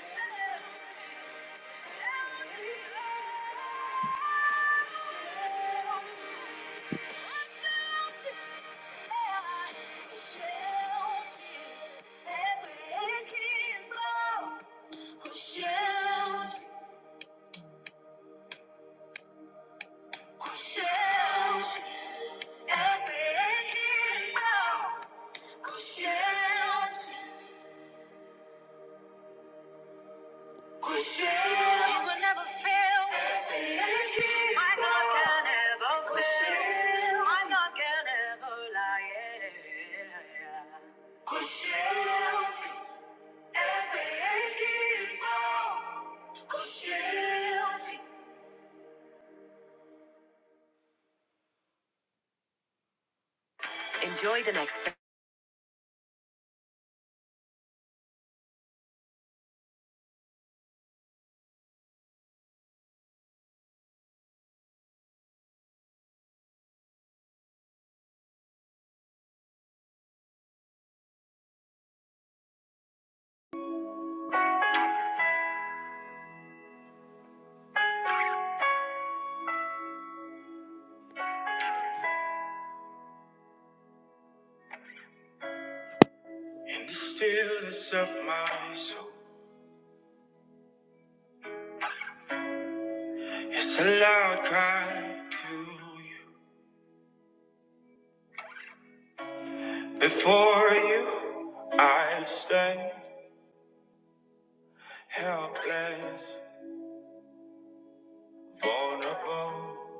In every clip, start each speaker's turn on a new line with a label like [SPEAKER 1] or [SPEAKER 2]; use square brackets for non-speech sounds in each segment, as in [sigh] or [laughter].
[SPEAKER 1] Thank you. Shelter, Enjoy the next. In the stillness of my soul, it's a loud cry to you. Before you, I stand helpless. Vulnerable,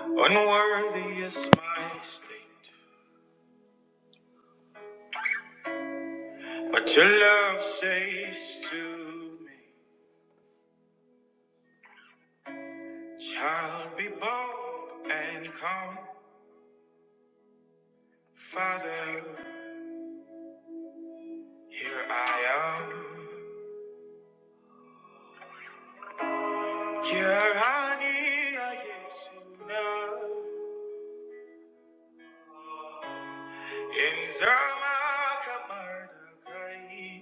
[SPEAKER 1] unworthy is my state, but your love says to me, Child, be bold and come, Father, here I am. Here I am, yes, now. In Zama Kamardakai,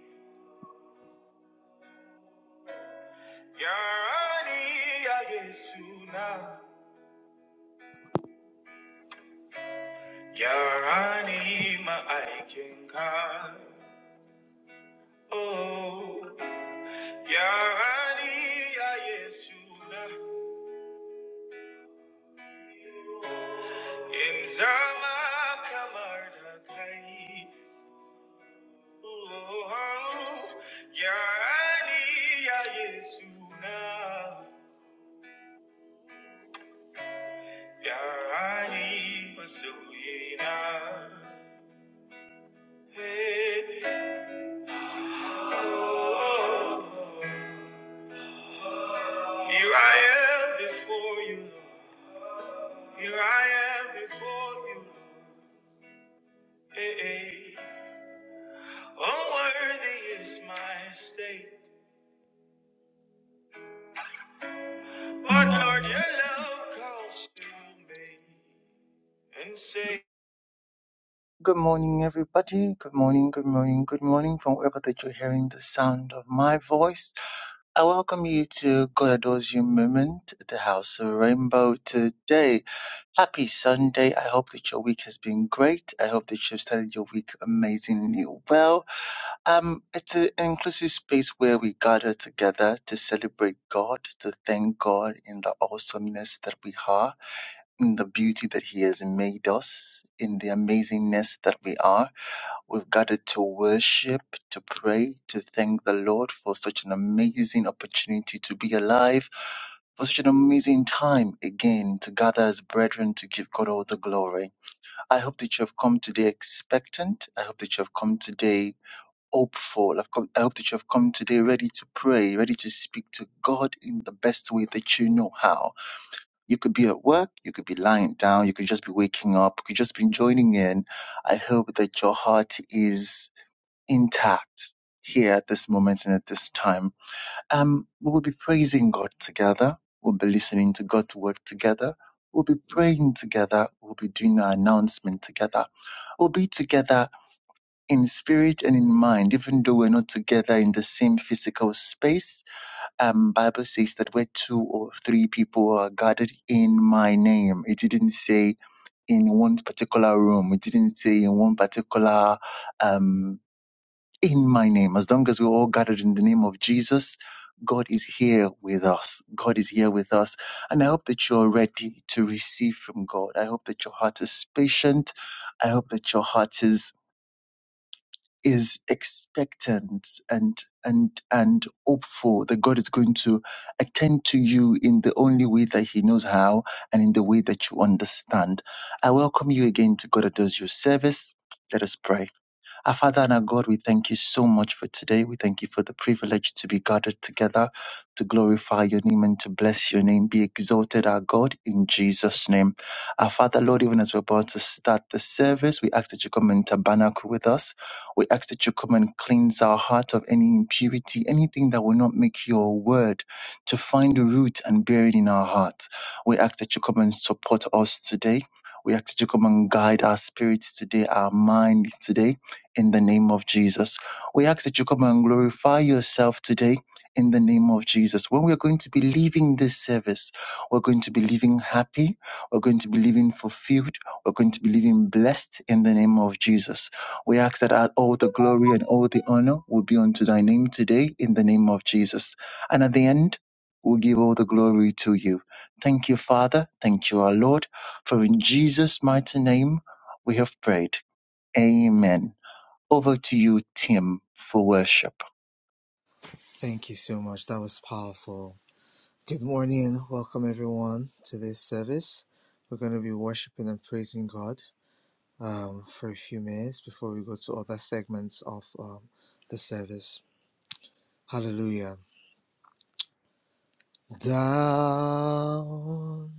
[SPEAKER 1] Yarani Agesuna, Yarani Ma'aikenka. Oh. Oh, Hey, oh, here I am before you, here I am before you. Hey, hey. Unworthy is my state.
[SPEAKER 2] Good morning. Good morning, everybody. Good morning, good morning, good morning from wherever that you're hearing the sound of my voice. I welcome you to God Adores You Moment at the House of Rainbow today. Happy Sunday. I hope that your week has been great. I hope that you've started your week amazingly well. Um, it's a- an inclusive space where we gather together to celebrate God, to thank God in the awesomeness that we are in the beauty that He has made us, in the amazingness that we are. We've gathered to worship, to pray, to thank the Lord for such an amazing opportunity to be alive, for such an amazing time again to gather as brethren to give God all the glory. I hope that you have come today expectant. I hope that you have come today hopeful. I've come, I hope that you have come today ready to pray, ready to speak to God in the best way that you know how. You could be at work, you could be lying down, you could just be waking up, you could just be joining in. I hope that your heart is intact here at this moment and at this time. Um, we will be praising God together. We'll be listening to God's word together. We'll be praying together. We'll be doing our announcement together. We'll be together in spirit and in mind, even though we're not together in the same physical space um, Bible says that where two or three people are gathered in my name, it didn't say in one particular room. It didn't say in one particular um, in my name. As long as we're all gathered in the name of Jesus, God is here with us. God is here with us. And I hope that you're ready to receive from God. I hope that your heart is patient. I hope that your heart is is expectant and and and hopeful that God is going to attend to you in the only way that He knows how and in the way that you understand. I welcome you again to God that does your service. Let us pray. Our Father and our God, we thank you so much for today. We thank you for the privilege to be gathered together to glorify your name and to bless your name. Be exalted, our God, in Jesus' name. Our Father, Lord, even as we're about to start the service, we ask that you come and tabernacle with us. We ask that you come and cleanse our heart of any impurity, anything that will not make your word to find root and bear it in our heart. We ask that you come and support us today. We ask that you come and guide our spirits today, our minds today in the name of Jesus. We ask that you come and glorify yourself today in the name of Jesus. When we're going to be leaving this service, we're going to be leaving happy, we're going to be leaving fulfilled, we're going to be leaving blessed in the name of Jesus. We ask that all the glory and all the honor will be unto thy name today in the name of Jesus. And at the end, we'll give all the glory to you. Thank you, Father. Thank you, our Lord. For in Jesus' mighty name, we have prayed. Amen. Over to you, Tim, for worship.
[SPEAKER 3] Thank you so much. That was powerful. Good morning. Welcome, everyone, to this service. We're going to be worshiping and praising God um, for a few minutes before we go to other segments of um, the service. Hallelujah. Down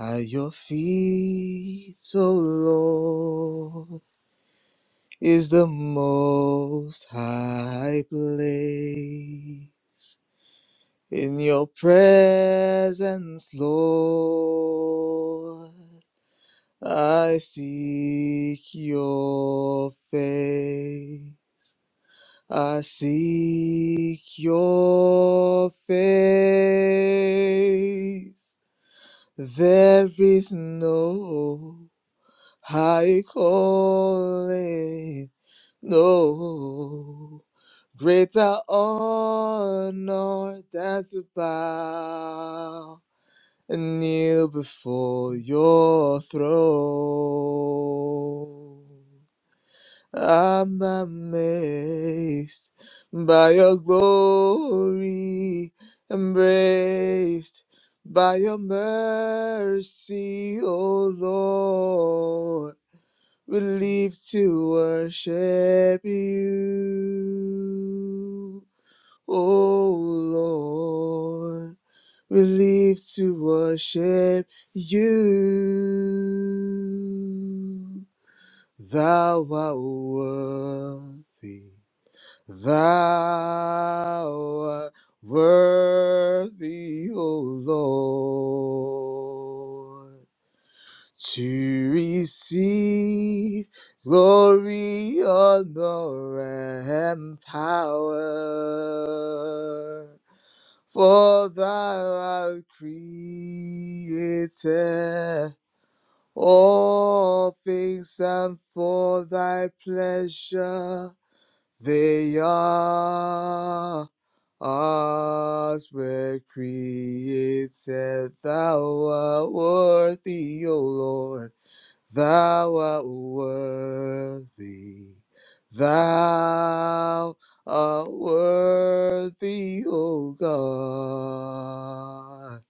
[SPEAKER 3] at your feet, O Lord, is the most high place. in your presence, Lord. I seek your face. I seek your face. There is no high calling, no greater honor than to bow and kneel before your throne. I'm amazed by your glory, embraced by your mercy, O Lord. We live to worship you, O Lord. We live to worship you. Thou art worthy. Thou art worthy, O Lord to receive glory, honor, and power. For thou art created all things, and for thy pleasure they are. Us, were created, thou art worthy, O Lord Thou art worthy. Thou art worthy, O God,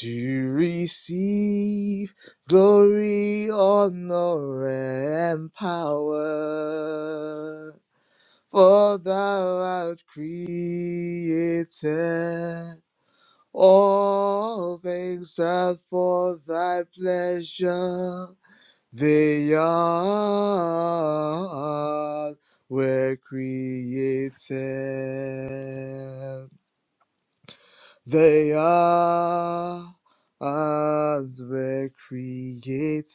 [SPEAKER 3] to receive glory, honor, and power. For thou art created. All things are for thy pleasure. They all were created. They all were created.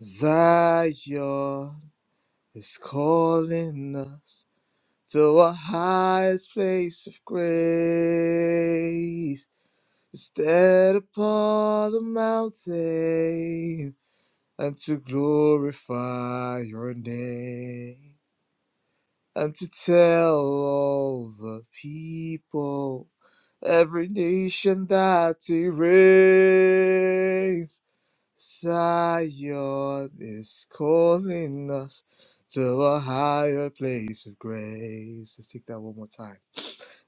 [SPEAKER 3] Zion is calling us to a highest place of grace. Stand upon the mountain and to glorify your name and to tell all the people, every nation that he reigns. Zion is calling us to a higher place of grace. Let's take that one more time.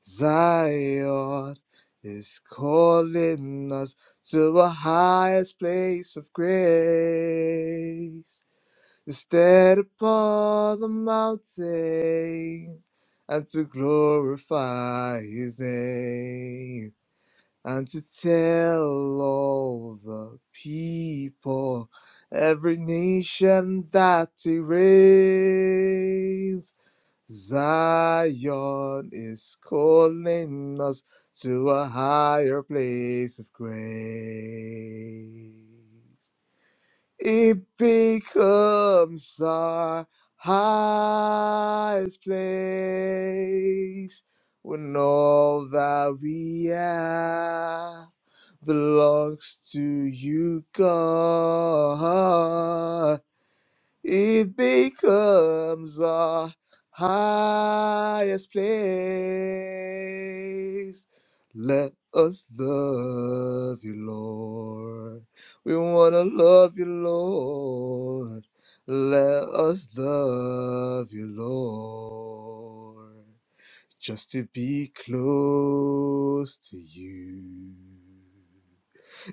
[SPEAKER 3] Zion is calling us to a highest place of grace to stand upon the mountain and to glorify his name and to tell all the people every nation that he reigns zion is calling us to a higher place of grace it becomes our highest place when all that we have belongs to you, God. It becomes our highest place. Let us love you, Lord. We want to love you, Lord. Let us love you, Lord. Just to be close to you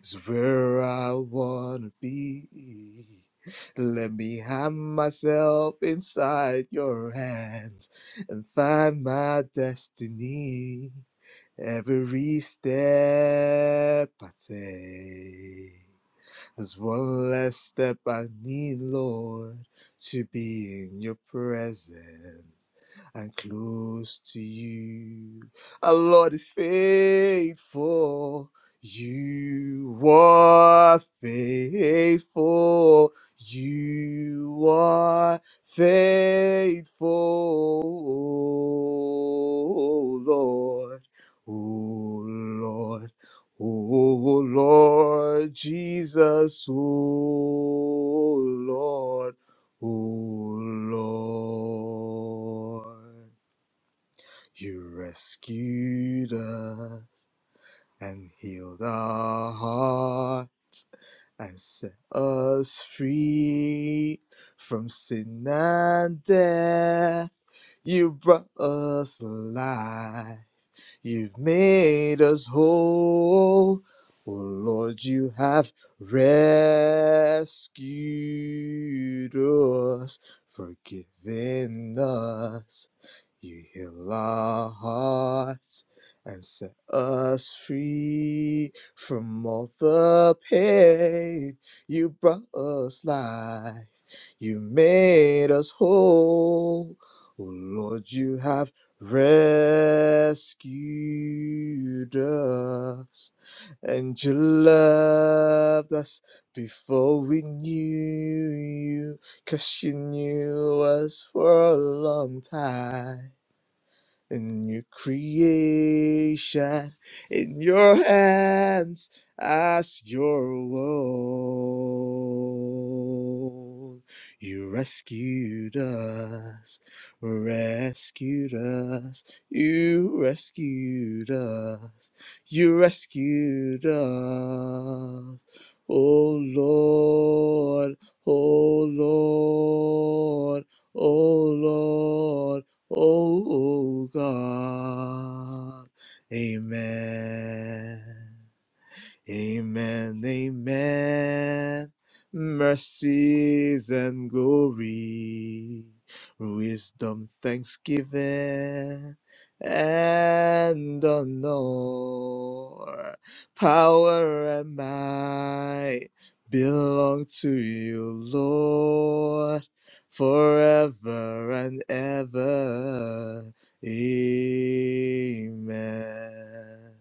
[SPEAKER 3] is where I wanna be. Let me hide myself inside your hands and find my destiny. Every step I take. There's one less step I need, Lord, to be in your presence and close to you. Our Lord is faithful. You are faithful. You are faithful, oh Lord. Oh, Lord. O Lord Jesus, O Lord, O Lord, you rescued us and healed our heart and set us free from sin and death. You brought us life You've made us whole. Oh Lord, you have rescued us, forgiven us. You heal our hearts and set us free from all the pain. You brought us life. You made us whole. Oh Lord, you have rescued us, and you loved us before we knew you, 'cause you knew us for a long time in new creation in your hands as your own. You rescued us, rescued us, you rescued us, you rescued us. Oh Lord, oh Lord, oh Lord oh God. Amen. Amen, amen. Mercies and glory, wisdom, thanksgiving, and honor, power and might belong to you, Lord, forever and ever. Amen.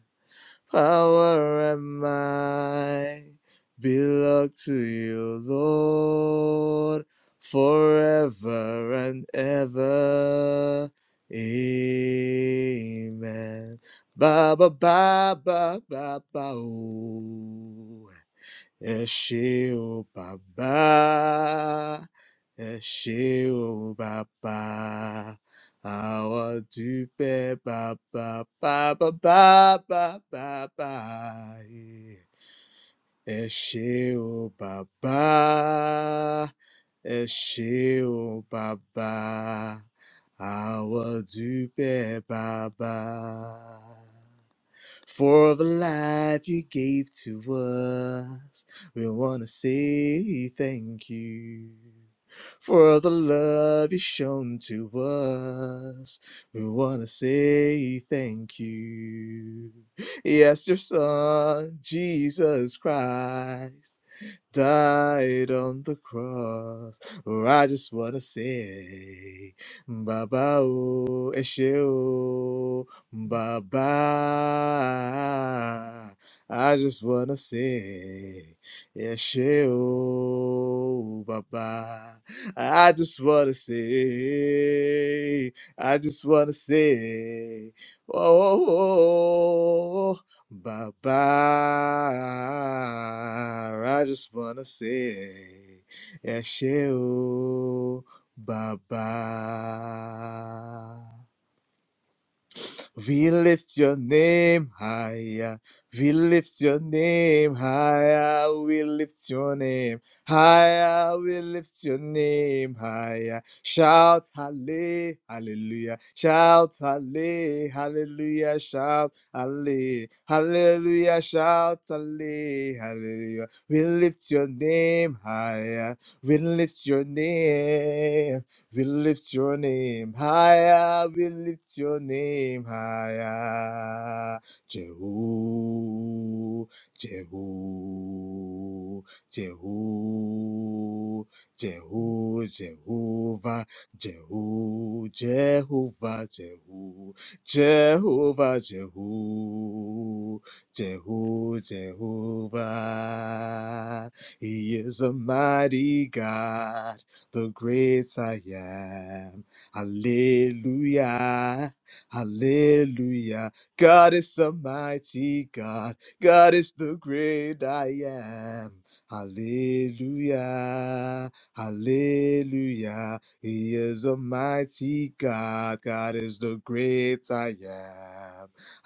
[SPEAKER 3] Power and might belong to you, Lord, forever and ever. Amen. Ba ba ba ba ba ba. oh. Ẹ ṣé o bàbá, ẹ ṣé o bàbá, àwa dúpẹ́ bàbá bàbá bàbá bàbá. yeah. Ẹ ṣé o bàbá, ẹ ṣé o bàbá, àwa dúpẹ́ bàbá. For the life you gave to us, we want to say thank you. For the love you shown to us, we want to say thank you. Yes, your son, Jesus Christ died on the cross. Or I just wanna say, Baba o Esheo, Baba. I just wanna say, Esheo, Baba. I just wanna say, I just wanna say, oh, oh, oh, oh, oh, oh, Baba, I just wanna say, Yesheo, Baba. We lift your name higher. We lift your name higher. We lift your name higher. We lift your name higher. Shout halle- hallelujah. Shout halle- hallelujah. Shout halle- hallelujah. Shout halle- hallelujah. We lift your name higher. We lift your name we lift your name higher. We lift your name higher. Jehu, Jehu, Jehu, Jehu, Jehovah, Jehu, Jehovah, Jehu, Jehovah, Jehu, Jehu, Jehovah. He is a mighty God the great I am. Hallelujah. Hallelujah. God is the mighty God. God is the great I am. Hallelujah. Hallelujah. He is a mighty God. God is the great I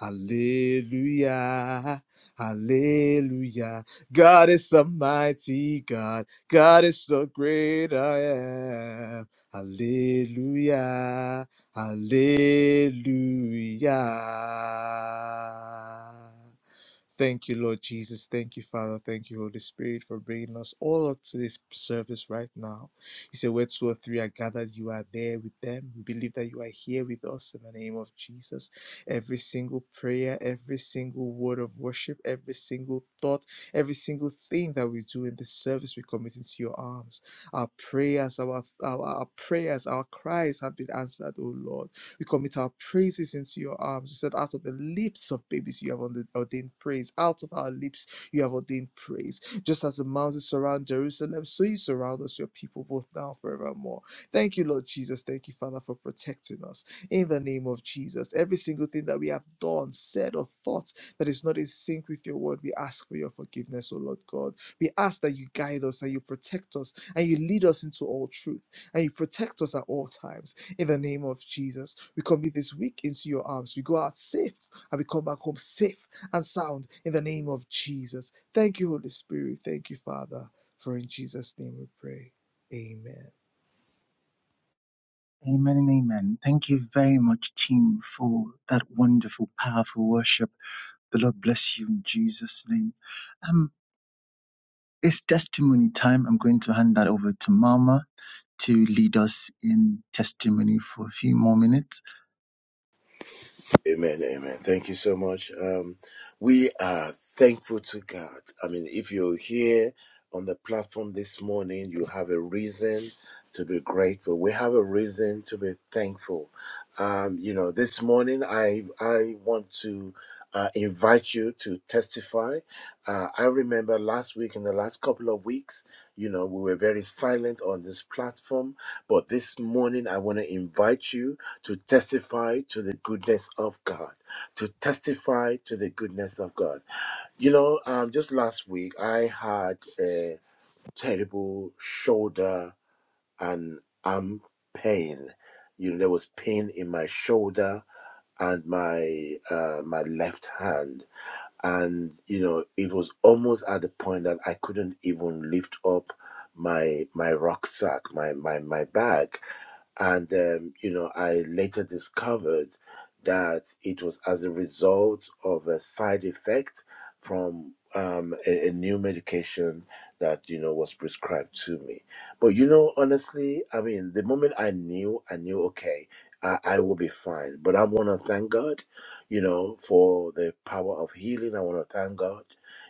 [SPEAKER 3] am. Hallelujah. Hallelujah. God is a mighty God. God is so great I am. Hallelujah. Hallelujah. Thank you, Lord Jesus. Thank you, Father. Thank you, Holy Spirit, for bringing us all up to this service right now. You say, Where two or three are gathered, you are there with them. We believe that you are here with us in the name of Jesus. Every single prayer, every single word of worship, every single thought Every single thing that we do in this service, we commit into your arms. Our prayers, our, our, our prayers, our cries have been answered, O Lord. We commit our praises into your arms. You said, out of the lips of babies, you have ordained praise. Out of our lips, you have ordained praise. Just as the mountains surround Jerusalem, so you surround us, your people, both now and forevermore. Thank you, Lord Jesus. Thank you, Father, for protecting us. In the name of Jesus, every single thing that we have done, said, or thought, that is not in sync with your word, we ask for your forgiveness, O Lord God. We ask that you guide us and you protect us and you lead us into all truth and you protect us at all times. In the name of Jesus, we commit this week into your arms. We go out safe and we come back home safe and sound in the name of Jesus. Thank you, Holy Spirit. Thank you, Father. For in Jesus' name we pray. Amen.
[SPEAKER 2] Amen and amen. Thank you very much, Tim, for that wonderful, powerful worship. The Lord bless you in Jesus' name. Um, it's testimony time. I'm going to hand that over to Mama to lead us in testimony for a few more minutes.
[SPEAKER 1] Amen, amen. Thank you so much. Um, we are thankful to God. I mean, if you're here on the platform this morning, you have a reason to be grateful. We have a reason to be thankful. Um, you know, this morning I I want to uh, invite you to testify. Uh, I remember last week, in the last couple of weeks, you know, we were very silent on this platform But this morning, I want to invite you to testify to the goodness of God, to testify to the goodness of God. You know, um, just last week, I had a terrible shoulder and arm pain. You know, there was pain in my shoulder and my uh, my left hand and you know it was almost at the point that i couldn't even lift up my my rucksack my my my bag and um, you know i later discovered that it was as a result of a side effect from um, a, a new medication that you know was prescribed to me but you know honestly i mean the moment i knew i knew okay i, I will be fine but i want to thank god you know, for the power of healing. I want to thank God,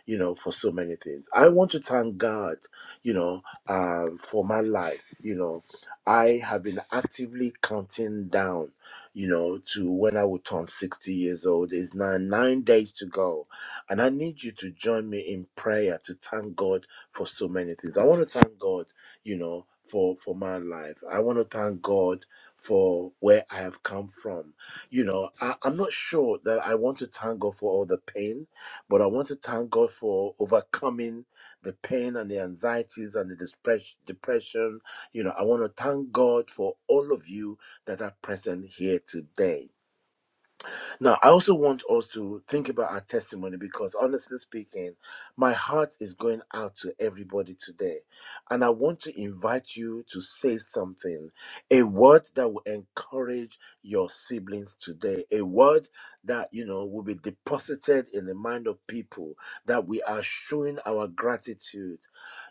[SPEAKER 1] you know, for so many things. I want to thank God, you know, um, for my life. You know, I have been actively counting down, you know, to when I will turn 60 years old. There's now nine days to go. And I need you to join me in prayer to thank God for so many things. I want to thank God, you know, for, for my life. I want to thank God for where I have come from. You know, I, I'm not sure that I want to thank God for all the pain, but I want to thank God for overcoming the pain and the anxieties and the depression. depression. You know, I want to thank God for all of you that are present here today. Now, I also want us to think about our testimony because, honestly speaking, my heart is going out to everybody today. And I want to invite you to say something a word that will encourage your siblings today, a word that, you know, will be deposited in the mind of people that we are showing our gratitude,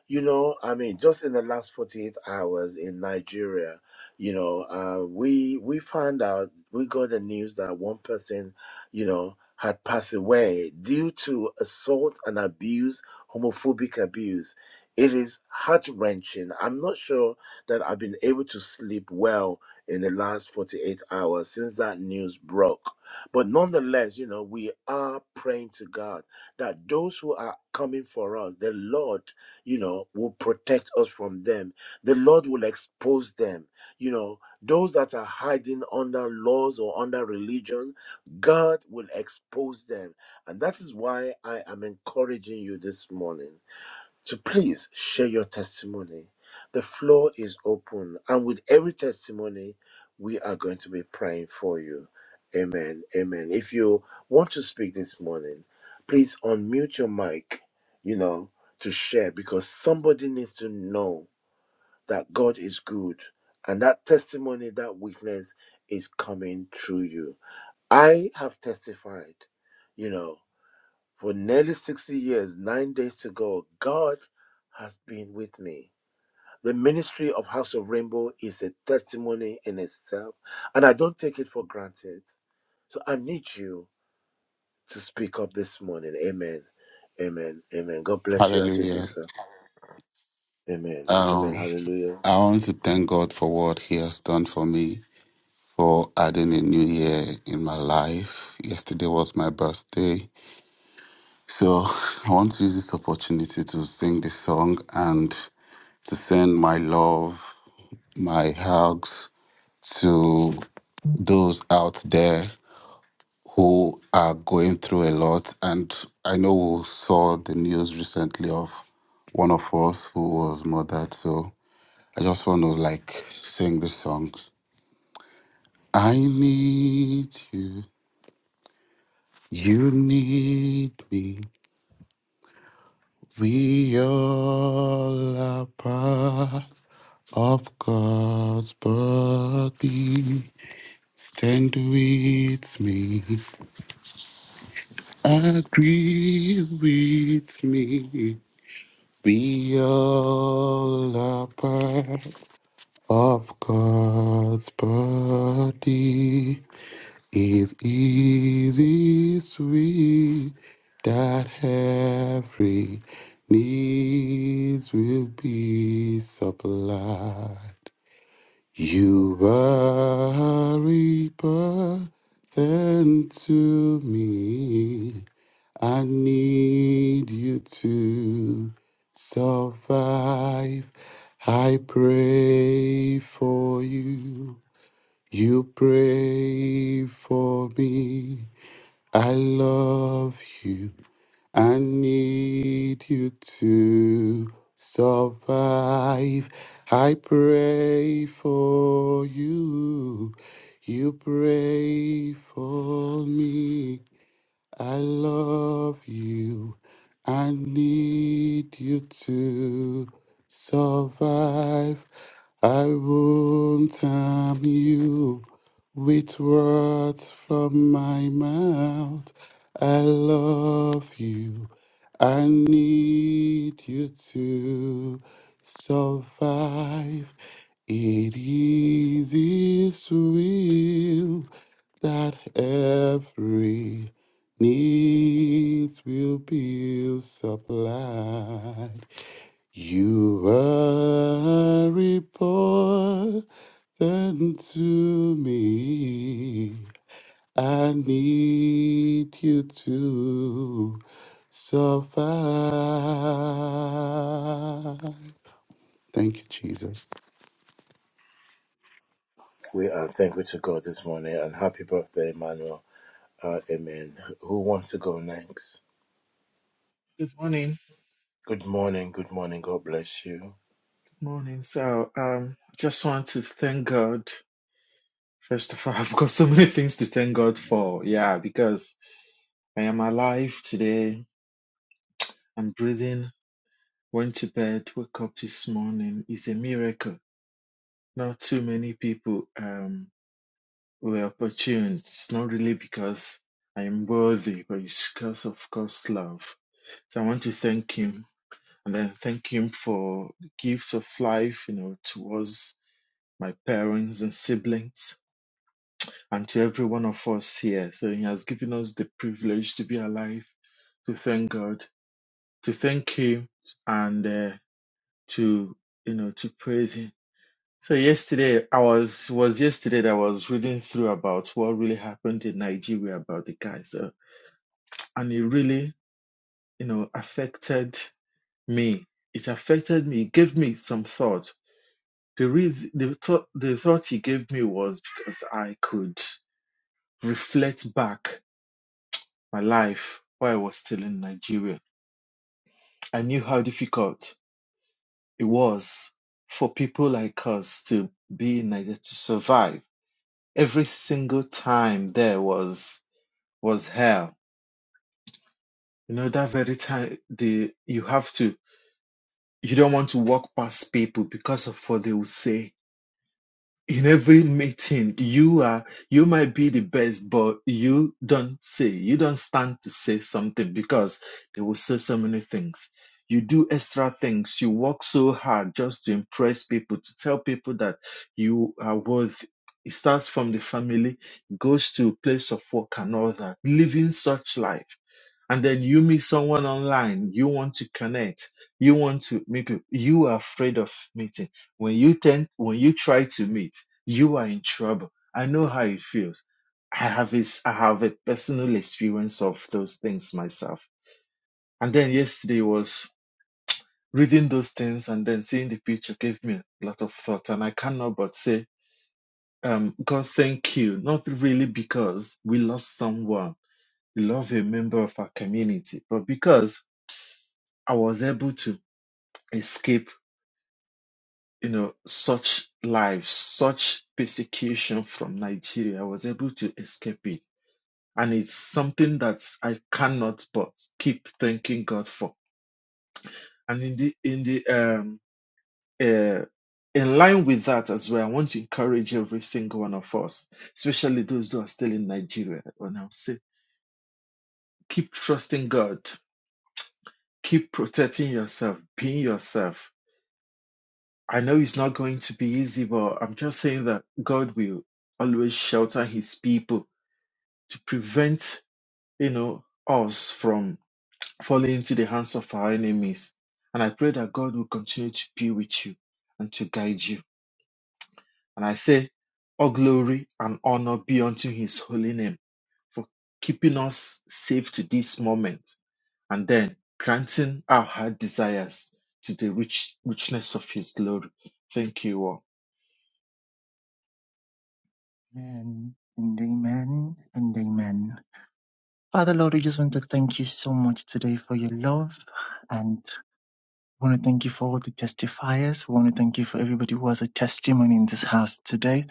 [SPEAKER 1] you know, I mean, just in the last 48 hours in Nigeria, you know, uh, we we found out we got the news that one person, you know, had passed away due to assault and abuse, homophobic abuse. It is heart wrenching. I'm not sure that I've been able to sleep well in the last 48 hours since that news broke. But nonetheless, you know, we are praying to God that those who are coming for us, the Lord you know, will protect us from them. The Lord will expose them. You know, those that are hiding under laws or under religion, God will expose them. And that is why I am encouraging you this morning. So please share your testimony. The floor is open. And with every testimony, we are going to be praying for you. Amen. Amen. If you want to speak this morning, please unmute your mic, you know, to share because somebody needs to know that God is good and that testimony, that witness is coming through you. I have testified, you know, for nearly 60 years, nine days to go, God has been with me. The ministry of House of Rainbow is a testimony in itself, and I don't take it for granted. So I need you to speak up this morning. Amen. Amen. Amen. God bless you as you do
[SPEAKER 4] Hallelujah.
[SPEAKER 1] so. Amen. Amen.
[SPEAKER 4] Um,
[SPEAKER 1] Hallelujah.
[SPEAKER 4] I want to thank God for what He has done for me, for adding a new year in my life. Yesterday was my birthday. So [laughs] I want to use this opportunity to sing this song and to send my love, my hugs to those out there who are going through a lot. And I know we saw the news recently of one of us who was murdered. So I just want to like sing this song. I need you. You need me. We all are part of God's body. Stand with me. Agree with me. We all are part of God's body. It's easy, sweet, that every needs will be supplied. You are a burden to me. I need you to survive. I pray for you. You pray for me. I love you. I need you to survive. I pray for you. You pray for me. I love you. I need you to survive. I won't harm you with words from my mouth. I love you. I need you to survive. It is His will that every needs will be supplied. You are important to me. I need you to survive. Thank you, Jesus.
[SPEAKER 1] We are thankful to God this morning and happy birthday, Emmanuel. Uh, amen. Who wants to go next?
[SPEAKER 5] Good morning. Good
[SPEAKER 1] Good morning. Good morning. God bless you.
[SPEAKER 5] morning. So, um, just want to thank God. First of all, [laughs] I've got so many things to thank God for. Yeah, because I am alive today. I'm breathing. Went to bed. Woke up this morning. It's a miracle. Not too many people um were opportune. It's not really because I'm worthy, but it's because of God's love. So I want to thank Him, and then thank Him for the gift of life. You know, towards my parents and siblings, and to every one of us here. So He has given us the privilege to be alive, to thank God, to thank Him, and uh, to you know to praise Him. So yesterday I was was yesterday that I was reading through about what really happened in Nigeria about the guy. So and it really you know affected me. It affected me. It gave me some thought. The reason the thought the thought he gave me was because I could reflect back my life while I was still in Nigeria. I knew how difficult it was for people like us to be in Nigeria to survive. Every single time there was was hell. You know that very time the you have to you don't want to walk past people because of what they will say. in every meeting you are you might be the best but you don't say you don't stand to say something because they will say so many things you do extra things you work so hard just to impress people to tell people that you are worth it starts from the family goes to place of work and all that living such life and then you meet someone online you want to connect you want to meet people you are afraid of meeting when you tend when you try to meet you are in trouble i know how it feels i have is i have a personal experience of those things myself and then yesterday was reading those things and then seeing the picture gave me a lot of thought and i cannot but say um god thank you not really because we lost someone we love a member of our community but because I was able to escape, you know, such life, such persecution from Nigeria. I was able to escape it. And it's something that I cannot but keep thanking God for. And in the, in the, um, uh, in line with that as well, I want to encourage every single one of us, especially those who are still in Nigeria. And I'll say, keep trusting God, keep protecting yourself, being yourself I know it's not going to be easy, but I'm just saying that God will always shelter his people to prevent, you know, us from falling into the hands of our enemies. And I pray that God will continue to be with you and to guide you. And I say, all glory and honor be unto his holy name for keeping us safe to this moment and then granting our heart desires to the rich richness of his glory. Thank you all.
[SPEAKER 2] Amen and amen and amen. Father Lord, we just want to thank you so much today for your love. and. We want to thank you for all the testifiers. We want to thank you for everybody who has a testimony in this house today.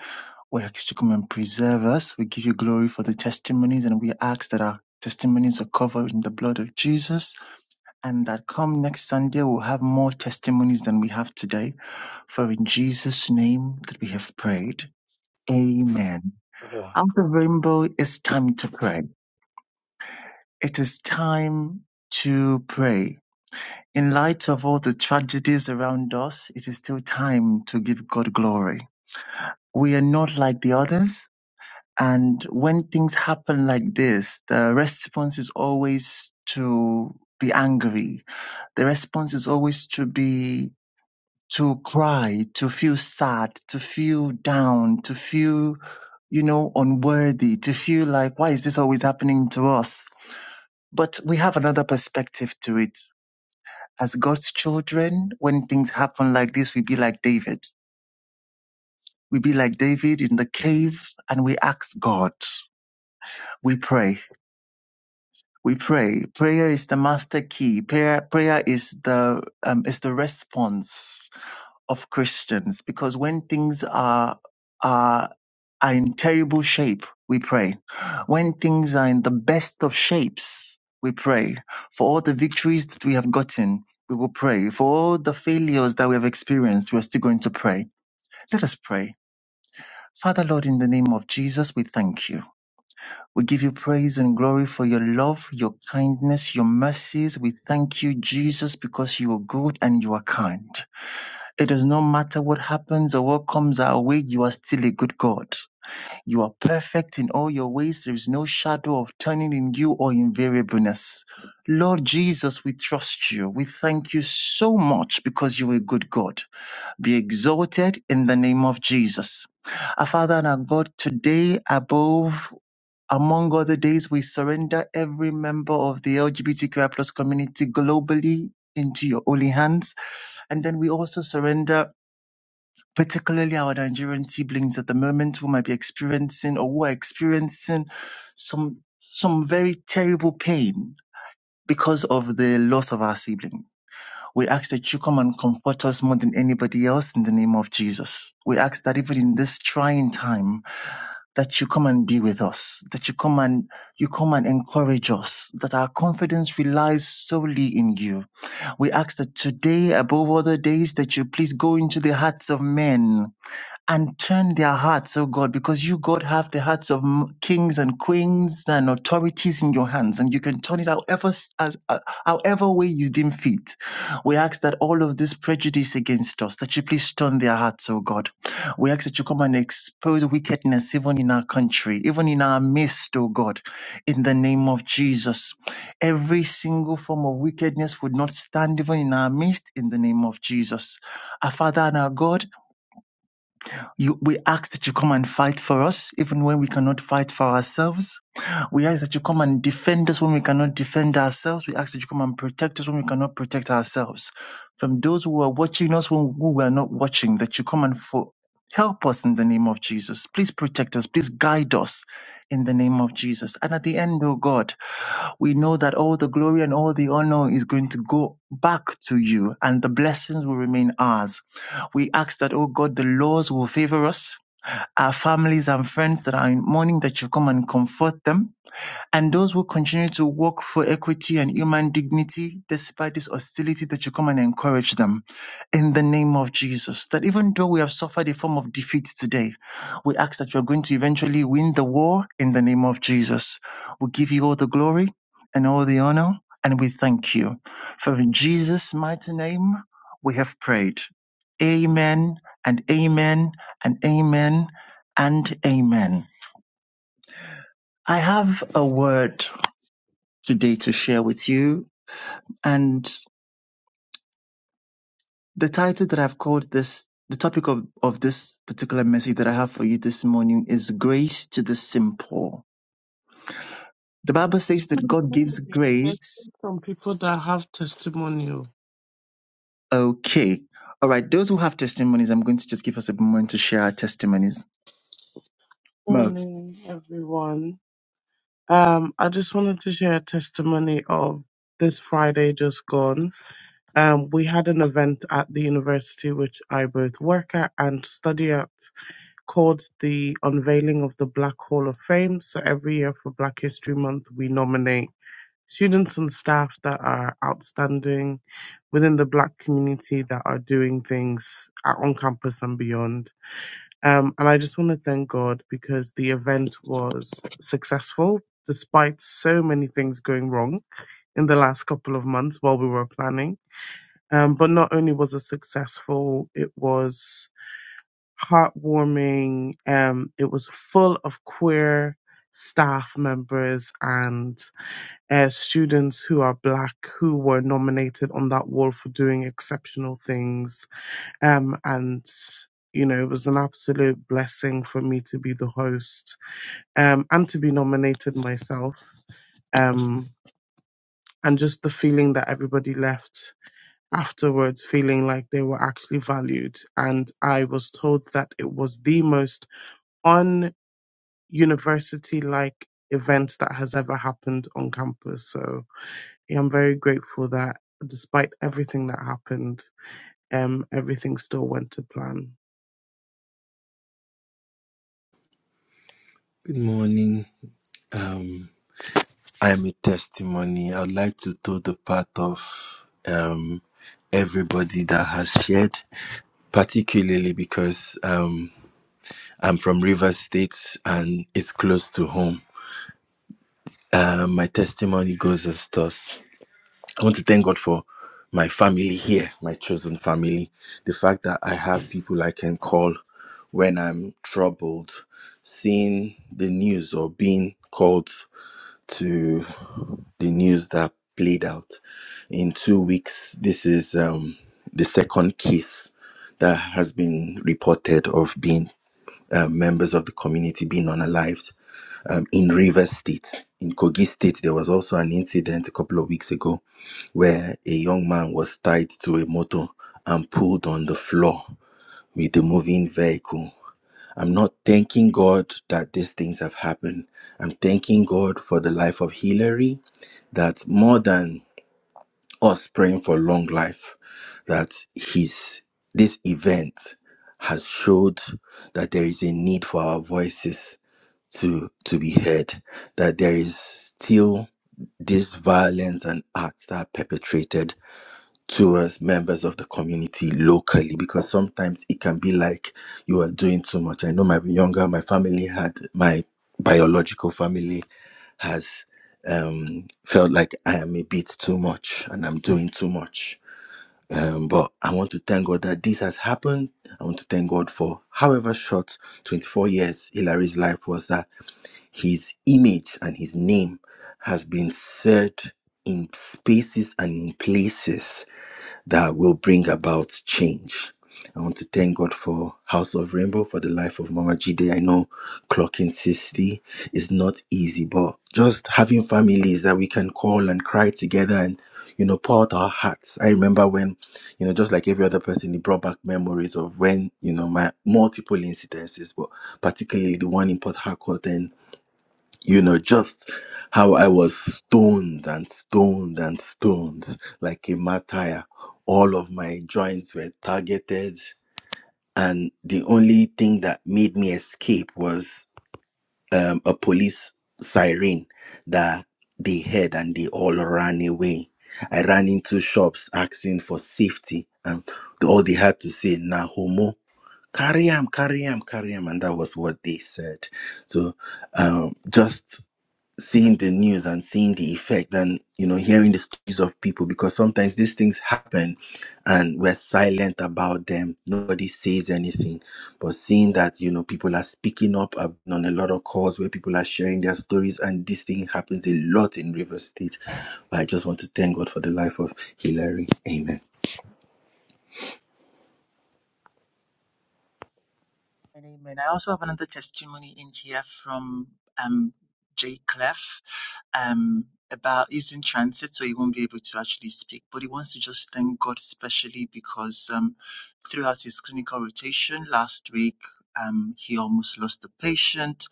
[SPEAKER 2] We ask you to come and preserve us. We give you glory for the testimonies and we ask that our testimonies are covered in the blood of Jesus and that come next Sunday we'll have more testimonies than we have today. For in Jesus' name that we have prayed. Amen.
[SPEAKER 1] Uh,
[SPEAKER 2] Out of rainbow, it's time to pray. It is time to pray. In light of all the tragedies around us, it is still time to give God glory. We are not like the others. And when things happen like this, the response is always to be angry. The response is always to be, to cry, to feel sad, to feel down, to feel, you know, unworthy, to feel like, why is this always happening to us? But we have another perspective to it as God's children, when things happen like this, we be like David. We be like David in the cave and we ask God. We pray. We pray. Prayer is the master key. Prayer, prayer is the, um, is the response of Christians because when things are, are are in terrible shape, we pray. When things are in the best of shapes, we pray. For all the victories that we have gotten, we will pray. For all the failures that we have experienced, we are still going to pray. Let us pray. Father Lord, in the name of Jesus, we thank you. We give you praise and glory for your love, your kindness, your mercies. We thank you, Jesus, because you are good and you are kind. It does not matter what happens or what comes our way, you are still a good God. You are perfect in all your ways. There is no shadow of turning in you or invariableness. Lord Jesus, we trust you. We thank you so much because you're a good God. Be exalted in the name of Jesus. Our Father and our God, today above among other days, we surrender every member of the LGBTQI plus community globally into your holy hands. And then we also surrender particularly our Nigerian siblings at the moment who might be experiencing or who are experiencing some some very terrible pain because of the loss of our sibling. We ask that you come and comfort us more than anybody else in the name of Jesus. We ask that even in this trying time that you come and be with us, that you come and you come and encourage us, that our confidence relies solely in you. We ask that today above other days that you please go into the hearts of men and turn their hearts, oh God, because you, God, have the hearts of m- kings and queens and authorities in your hands, and you can turn it however, s- as, uh, however way you deem fit. We ask that all of this prejudice against us, that you please turn their hearts, oh God. We ask that you come and expose wickedness even in our country, even in our midst, oh God, in the name of Jesus. Every single form of wickedness would not stand even in our midst, in the name of Jesus. Our Father and our God, you, we ask that you come and fight for us, even when we cannot fight for ourselves. We ask that you come and defend us when we cannot defend ourselves. We ask that you come and protect us when we cannot protect ourselves. From those who are watching us when we were not watching, that you come and for, help us in the name of Jesus. Please protect us. Please guide us in the name of Jesus. And at the end, oh God, we know that all the glory and all the honor is going to go back to you and the blessings will remain ours. We ask that, oh God, the laws will favor us, our families and friends that are in mourning, that you come and comfort them and those who continue to work for equity and human dignity despite this hostility that you come and encourage them in the name of Jesus. That even though we have suffered a form of defeat today, we ask that you're going to eventually win the war in the name of Jesus. We give you all the glory and all the honor, and we thank you. For in Jesus' mighty name, we have prayed. Amen and amen and amen and amen. I have a word today to share with you. And the title that I've called this, the topic of, of this particular message that I have for you this morning is Grace to the Simple. The Bible says that God gives grace.
[SPEAKER 6] From people that have testimonial.
[SPEAKER 2] Okay. All right. Those who have testimonies, I'm going to just give us a moment to share our testimonies.
[SPEAKER 6] Morning, everyone. Um, I just wanted to share a testimony of this Friday just gone. Um, we had an event at the university which I both work at and study at called the Unveiling of the Black Hall of Fame. So every year for Black History Month, we nominate students and staff that are outstanding within the black community that are doing things at- on campus and beyond. Um, and I just want to thank God because the event was successful despite so many things going wrong in the last couple of months while we were planning. Um, but not only was it successful, it was heartwarming. Um, it was full of queer staff members and uh, students who are black who were nominated on that wall for doing exceptional things um, and, you know, it was an absolute blessing for me to be the host um, and to be nominated myself. Um, and just the feeling that everybody left afterwards, feeling like they were actually valued. And I was told that it was the most un university like event that has ever happened on campus. So yeah, I'm very grateful that despite everything that happened, um, everything still went to plan.
[SPEAKER 7] Good morning. Um, I am a testimony. I'd like to throw the part of um, everybody that has shared, particularly because um, I'm from Rivers State and it's close to home. Uh, my testimony goes as thus. I want to thank God for my family here, my chosen family. The fact that I have people I can call when I'm troubled, seeing the news or being called to the news that played out in two weeks. This is um, the second case that has been reported of being uh, members of the community being unalived um, in Rivers State. In Kogi State, there was also an incident a couple of weeks ago where a young man was tied to a motor and pulled on the floor with a moving vehicle. I'm not thanking God that these things have happened. I'm thanking God for the life of Hillary that more than us praying for long life, that his this event has showed that there is a need for our voices to to be heard, that there is still this violence and acts that are perpetrated to us members of the community locally because sometimes it can be like you are doing too much. I know my younger, my family had my biological family has um, felt like I am a bit too much and I'm doing too much. Um, but I want to thank God that this has happened. I want to thank God for however short 24 years Hilary's life was that his image and his name has been said in spaces and in places that will bring about change. I want to thank God for House of Rainbow for the life of Mama Jide. I know clocking 60 is not easy, but just having families that we can call and cry together and you know pour out our hearts. I remember when, you know, just like every other person, it brought back memories of when, you know, my multiple incidences, but particularly the one in Port Harcourt and you know, just how I was stoned and stoned and stoned like a martyr. All of my joints were targeted, and the only thing that made me escape was um, a police siren that they heard and they all ran away. I ran into shops asking for safety, and all they had to say, na homo, carry him, carry him, carry him, and that was what they said. So, um, just seeing the news and seeing the effect and you know hearing the stories of people because sometimes these things happen and we're silent about them nobody says anything but seeing that you know people are speaking up I've been on a lot of calls where people are sharing their stories and this thing happens a lot in Rivers state But i just want to thank god for the life of hillary amen
[SPEAKER 2] And amen. I also have another testimony in here from um Jay Clef um about he's in transit, so he won't be able to actually speak, but he wants to just thank God especially because um throughout his clinical rotation last week um he almost lost the patient,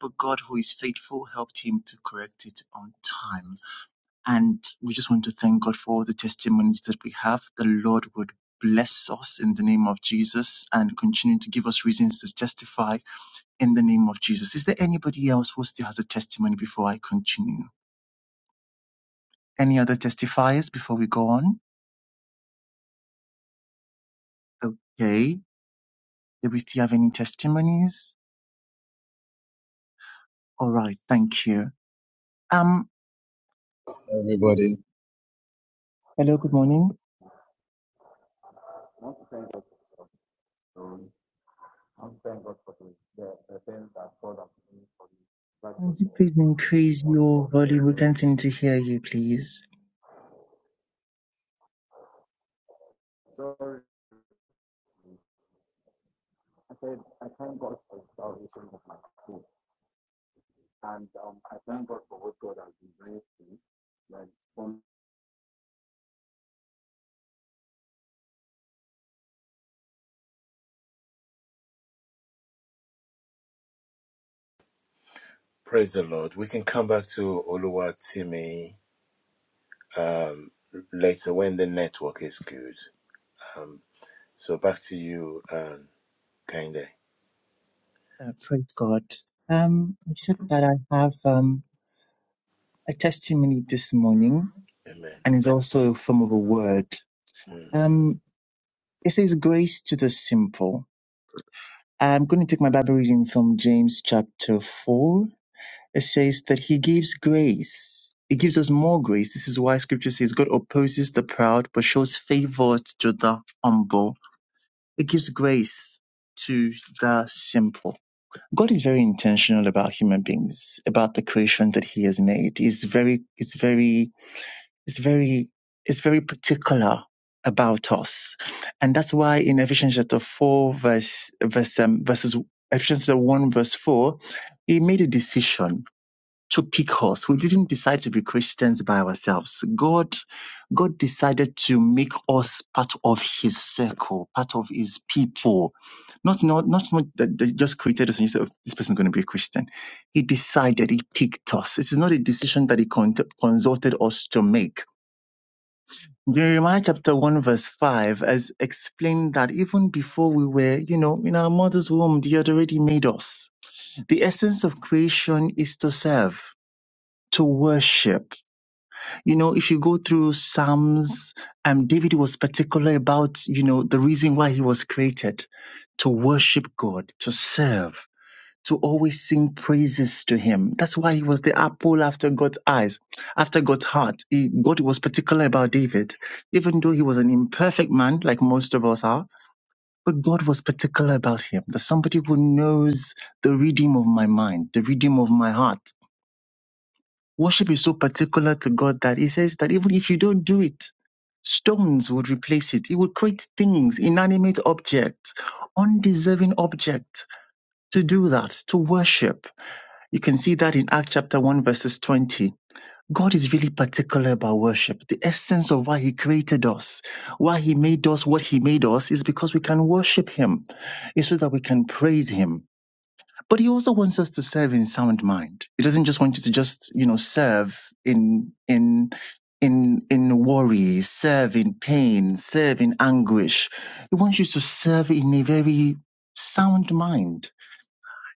[SPEAKER 2] but God who is faithful helped him to correct it on time. And we just want to thank God for all the testimonies that we have. The Lord would bless us in the name of Jesus and continue to give us reasons to testify in the name of Jesus. Is there anybody else who still has a testimony before I continue? Any other testifiers before we go on? Okay. Do we still have any testimonies? All right. Thank you. Um,
[SPEAKER 8] everybody.
[SPEAKER 2] hello. Good morning.
[SPEAKER 8] I'm thank God for the, the, the things that God has done for you. That
[SPEAKER 2] Can
[SPEAKER 8] was
[SPEAKER 2] you
[SPEAKER 8] the
[SPEAKER 2] please increase
[SPEAKER 8] month
[SPEAKER 2] your
[SPEAKER 8] of
[SPEAKER 2] volume? We
[SPEAKER 8] January.
[SPEAKER 2] can't seem to hear you, please.
[SPEAKER 8] So I said, I thank God for the salvation of my soul. And um, I thank God for what God has been doing to me. Like, for me.
[SPEAKER 1] Praise the Lord. We can come back to Oluwatimi um, later when the network is good. Um, so back to you, um, Kainde.
[SPEAKER 2] Uh, praise God. Um, I said that I have um, a testimony this morning,
[SPEAKER 1] Amen.
[SPEAKER 2] and it's also a form of a word.
[SPEAKER 1] Mm.
[SPEAKER 2] Um, it says grace to the simple. I'm going to take my Bible reading from James chapter 4. It says that he gives grace. He gives us more grace. This is why scripture says God opposes the proud but shows favor to the humble. It gives grace to the simple. God is very intentional about human beings, about the creation that He has made. He's very, it's very, it's very, it's very particular about us, and that's why in Ephesians chapter four, verse, verse, um, verses, Ephesians chapter one, verse four, He made a decision to pick us. We didn't decide to be Christians by ourselves. God, God decided to make us part of His circle, part of His people. Not not not, not that they just created us and you said, "Oh, "This person is going to be a Christian." He decided. He picked us. It is not a decision that He con- consulted us to make. Jeremiah chapter 1 verse 5 has explained that even before we were, you know, in our mother's womb, He had already made us. The essence of creation is to serve, to worship you know, if you go through Psalms, um, David was particular about, you know, the reason why he was created to worship God, to serve, to always sing praises to him. That's why he was the apple after God's eyes, after God's heart. He, God was particular about David, even though he was an imperfect man, like most of us are. But God was particular about him, that somebody who knows the redeem of my mind, the redeem of my heart. Worship is so particular to God that He says that even if you don't do it, stones would replace it. He would create things, inanimate objects, undeserving objects to do that, to worship. You can see that in Acts chapter 1, verses 20. God is really particular about worship. The essence of why He created us, why He made us what He made us, is because we can worship Him, is so that we can praise Him. But he also wants us to serve in sound mind. He doesn't just want you to just, you know, serve in in in in worry, serve in pain, serve in anguish. He wants you to serve in a very sound mind.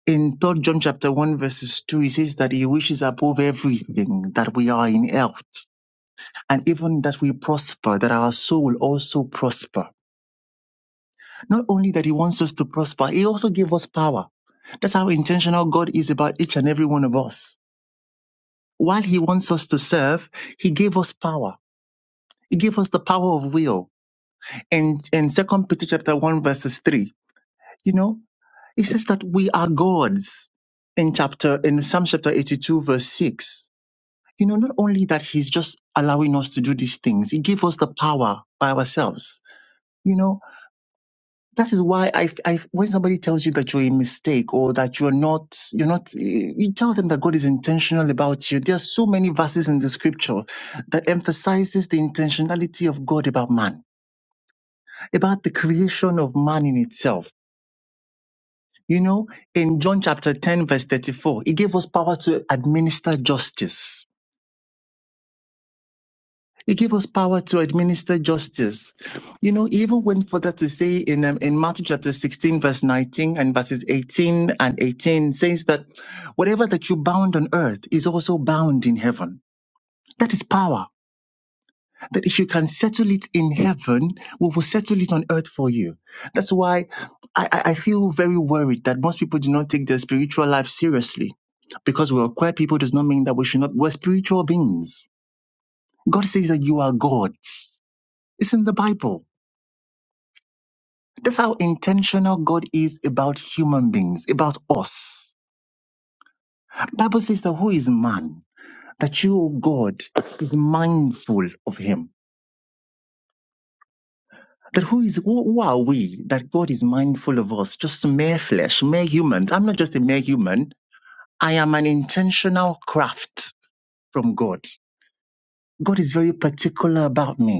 [SPEAKER 2] In third John chapter one verses two, he says that he wishes above everything that we are in health, and even that we prosper, that our soul also prosper. Not only that he wants us to prosper, he also gave us power. That's how intentional God is about each and every one of us while he wants us to serve, he gave us power. He gave us the power of will. And in Second Peter chapter one verses three, you know, he says that we are gods. In chapter in Psalm chapter eighty two verse six, you know, not only that he's just allowing us to do these things, he gave us the power by ourselves. You know, that is why I, I when somebody tells you that you're a mistake or that you're not you're not you tell them that god is intentional about you there are so many verses in the scripture that emphasizes the intentionality of god about man about the creation of man in itself you know in john chapter 10 verse 34 he gave us power to administer justice He gave us power to administer justice. You know, even went further to say in um, in Matthew chapter 16, verse 19 and verses 18 and 18 says that whatever that you bound on earth is also bound in heaven. That is power. That if you can settle it in heaven, we will settle it on earth for you. That's why I, I I feel very worried that most people do not take their spiritual life seriously. Because we're queer people does not mean that we should not, we're spiritual beings. God says that you are gods it's in the Bible. That's how intentional God is about human beings, about us. The Bible says that who is man? That you, O God, is mindful of him. That who is who, who are we that God is mindful of us? Just mere flesh, mere humans. I'm not just a mere human. I am an intentional craft from God. God is very particular about me.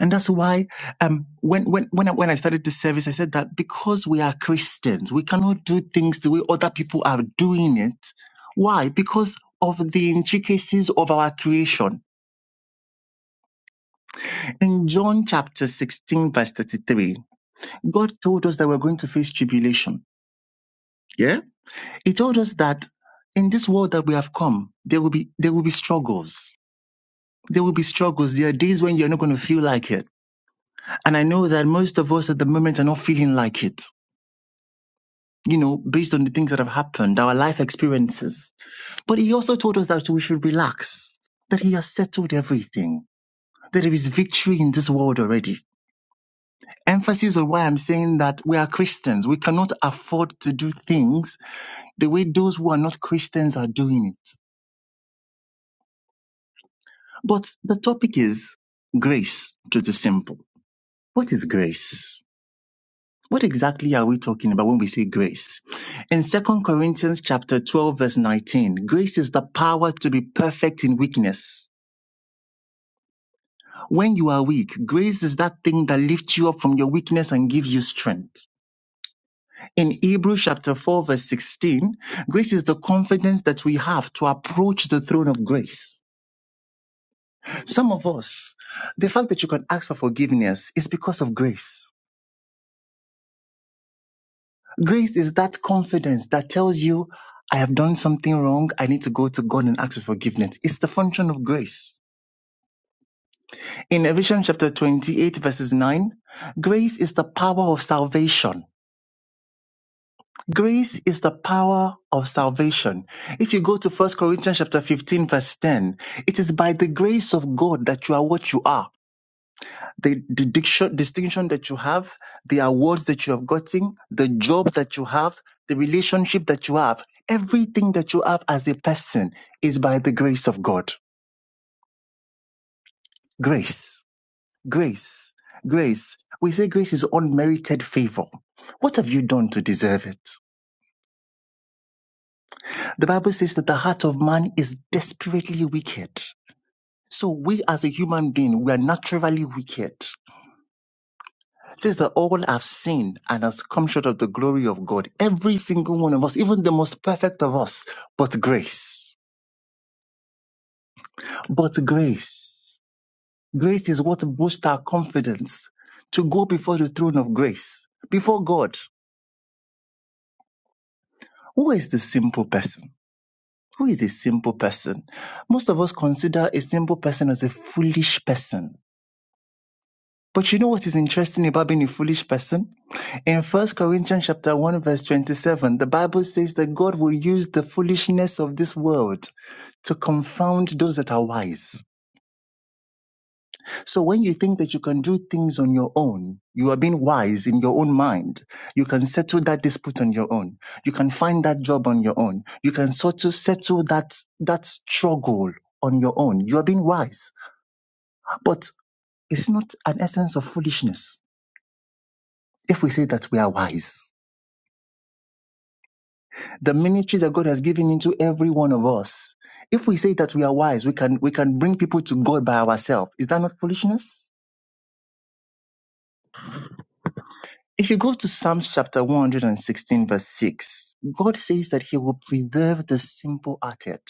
[SPEAKER 2] And that's why um, when, when, when, I, when I started this service, I said that because we are Christians, we cannot do things the way other people are doing it. Why? Because of the intricacies of our creation. In John chapter 16, verse 33, God told us that we're going to face tribulation. Yeah? He told us that in this world that we have come, there will be there will be struggles. There will be struggles. There are days when you're not going to feel like it. And I know that most of us at the moment are not feeling like it. you know, based on the things that have happened, our life experiences. But he also told us that we should relax, that he has settled everything, that there is victory in this world already. Emphasis on why I'm saying that we are Christians. We cannot afford to do things the way those who are not Christians are doing it. But the topic is grace to the simple. What is grace? What exactly are we talking about when we say grace? In Second Corinthians chapter 12 verse 19, grace is the power to be perfect in weakness. When you are weak, grace is that thing that lifts you up from your weakness and gives you strength. In Hebrews chapter 4 verse 16, grace is the confidence that we have to approach the throne of grace. Some of us, the fact that you can ask for forgiveness is because of grace. Grace is that confidence that tells you, I have done something wrong. I need to go to God and ask for forgiveness. It's the function of grace. In Ephesians chapter 28 verses 9, grace is the power of salvation. Grace is the power of salvation. If you go to First Corinthians chapter 15 verse 10, it is by the grace of God that you are what you are. the, the diction, distinction that you have, the awards that you have gotten, the job that you have, the relationship that you have, everything that you have as a person is by the grace of God. Grace, grace, grace. We say grace is unmerited favor. What have you done to deserve it? The Bible says that the heart of man is desperately wicked. So we as a human being, we are naturally wicked. It says that all have sinned and has come short of the glory of God. Every single one of us, even the most perfect of us, but grace. But grace. Grace is what boosts our confidence to go before the throne of grace, before God. Who is the simple person? Who is a simple person? Most of us consider a simple person as a foolish person. But you know what is interesting about being a foolish person? In First Corinthians chapter 1 verse 27, the Bible says that God will use the foolishness of this world to confound those that are wise. So when you think that you can do things on your own, you are being wise in your own mind. You can settle that dispute on your own. You can find that job on your own. You can sort of settle that, that struggle on your own. You are being wise. But it's not an essence of foolishness if we say that we are wise. the ministry that God has given into every one of us. If we say that we are wise, we can we can bring people to God by ourselves. Is that not foolishness? If you go to Psalms chapter 116, verse 6, God says that He will preserve the simple hearted.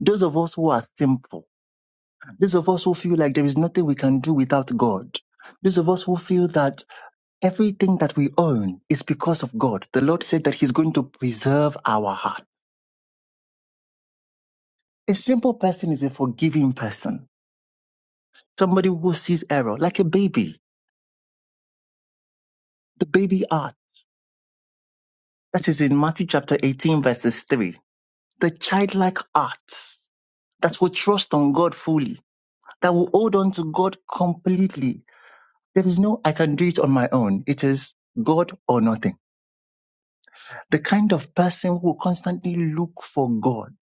[SPEAKER 2] Those of us who are simple, those of us who feel like there is nothing we can do without God, those of us who feel that everything that we own is because of God. The Lord said that He's going to preserve our heart. A simple person is a forgiving person. Somebody who sees error, like a baby, the baby art. That is in Matthew chapter 18, verses 3. The childlike arts that will trust on God fully, that will hold on to God completely. There is no, I can do it on my own. It is God or nothing. The kind of person who constantly look for God,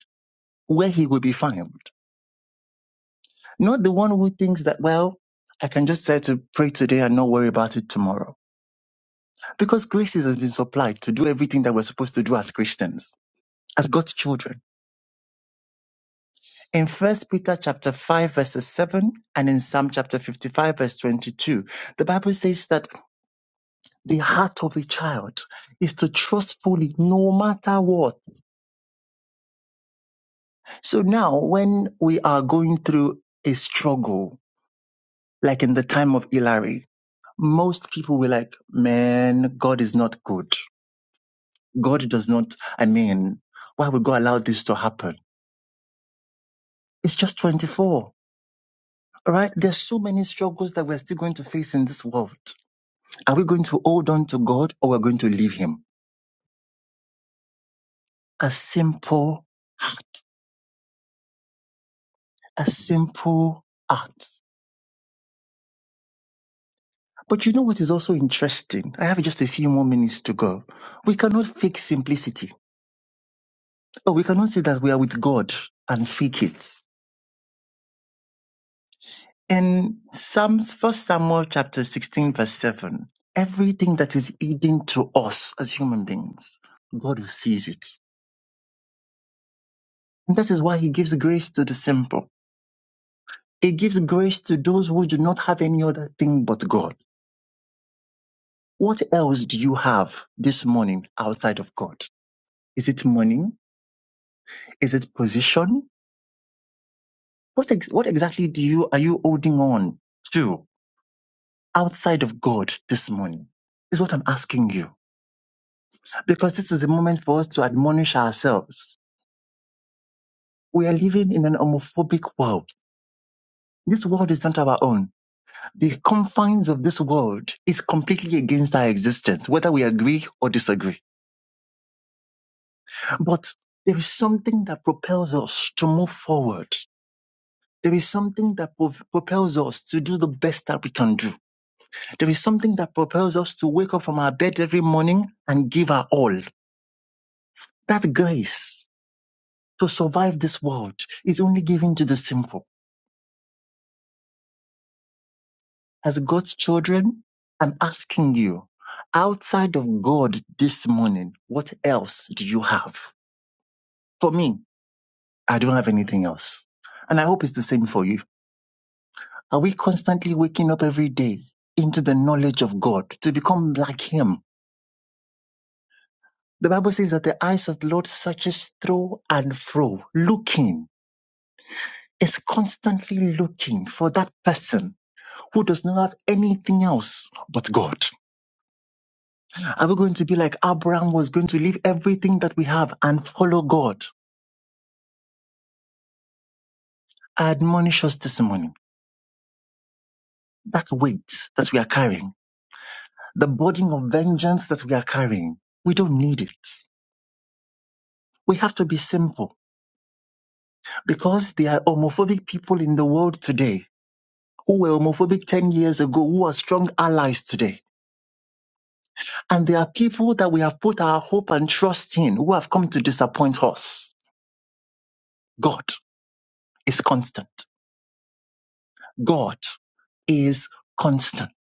[SPEAKER 2] where he will be found. Not the one who thinks that, well, I can just say to pray today and not worry about it tomorrow. Because grace has been supplied to do everything that we're supposed to do as Christians as God's children. In First Peter chapter 5 verses 7 and in Psalm chapter 55 verse 22, the Bible says that the heart of a child is to trust fully no matter what. So now when we are going through a struggle, like in the time of Hillary, most people were like, man, God is not good. God does not, I mean, why would God allow this to happen? It's just 24. All right. There's so many struggles that we're still going to face in this world Are we going to hold on to God or we're going to leave Him? A simple, a simple act. But you know what is also interesting? I have just a few more minutes to go. We cannot fake simplicity. Oh, we cannot say that we are with God and fake it. In Psalms, First Samuel chapter 16, verse 7, everything that is hidden to us as human beings, God will sees it. And that is why He gives grace to the simple. He gives grace to those who do not have any other thing but God. What else do you have this morning outside of God? Is it money? Is it position? What, ex- what exactly do you, are you holding on to outside of God this morning? Is what I'm asking you. Because this is a moment for us to admonish ourselves. We are living in an homophobic world. This world is not our own. The confines of this world is completely against our existence, whether we agree or disagree. But there is something that propels us to move forward. There is something that prov- propels us to do the best that we can do. There is something that propels us to wake up from our bed every morning and give our all. That grace to survive this world is only given to the simple. As God's children, I'm asking you, outside of God this morning, what else do you have? For me, I don't have anything else. And I hope it's the same for you. Are we constantly waking up every day into the knowledge of God to become like Him? The Bible says that the eyes of the Lord searches through and fro, looking, is constantly looking for that person who does not have anything else but God. Are we going to be like Abraham was going to leave everything that we have and follow God? I admonish us this morning. That weight that we are carrying, the burden of vengeance that we are carrying, we don't need it. We have to be simple because there are homophobic people in the world today who were homophobic 10 years ago, who are strong allies today. And there are people that we have put our hope and trust in who have come to disappoint us. God is constant. God is constant.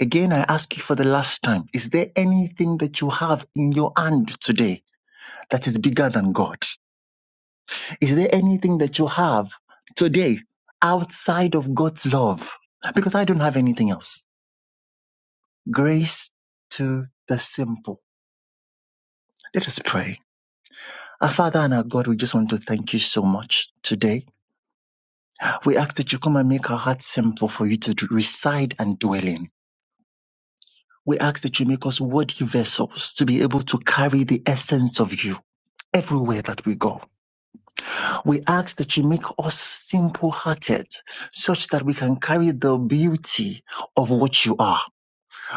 [SPEAKER 2] Again, I ask you for the last time is there anything that you have in your hand today that is bigger than God? Is there anything that you have today outside of God's love? Because I don't have anything else. Grace to the simple. Let us pray. Our Father and our God, we just want to thank you so much today. We ask that you come and make our hearts simple for you to d- reside and dwell in. We ask that you make us worthy vessels to be able to carry the essence of you everywhere that we go. We ask that you make us simple hearted such that we can carry the beauty of what you are.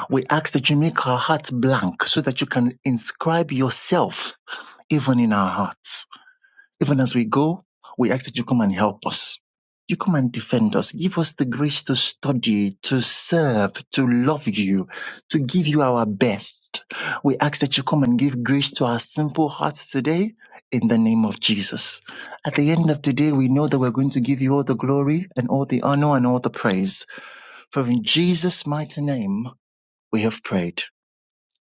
[SPEAKER 2] We ask that you make our hearts blank so that you can inscribe yourself even in our hearts. Even as we go, we ask that you come and help us. You come and defend us. Give us the grace to study, to serve, to love you, to give you our best. We ask that you come and give grace to our simple hearts today in the name of Jesus. At the end of today, we know that we're going to give you all the glory and all the honor and all the praise. For in Jesus' mighty name, we have prayed.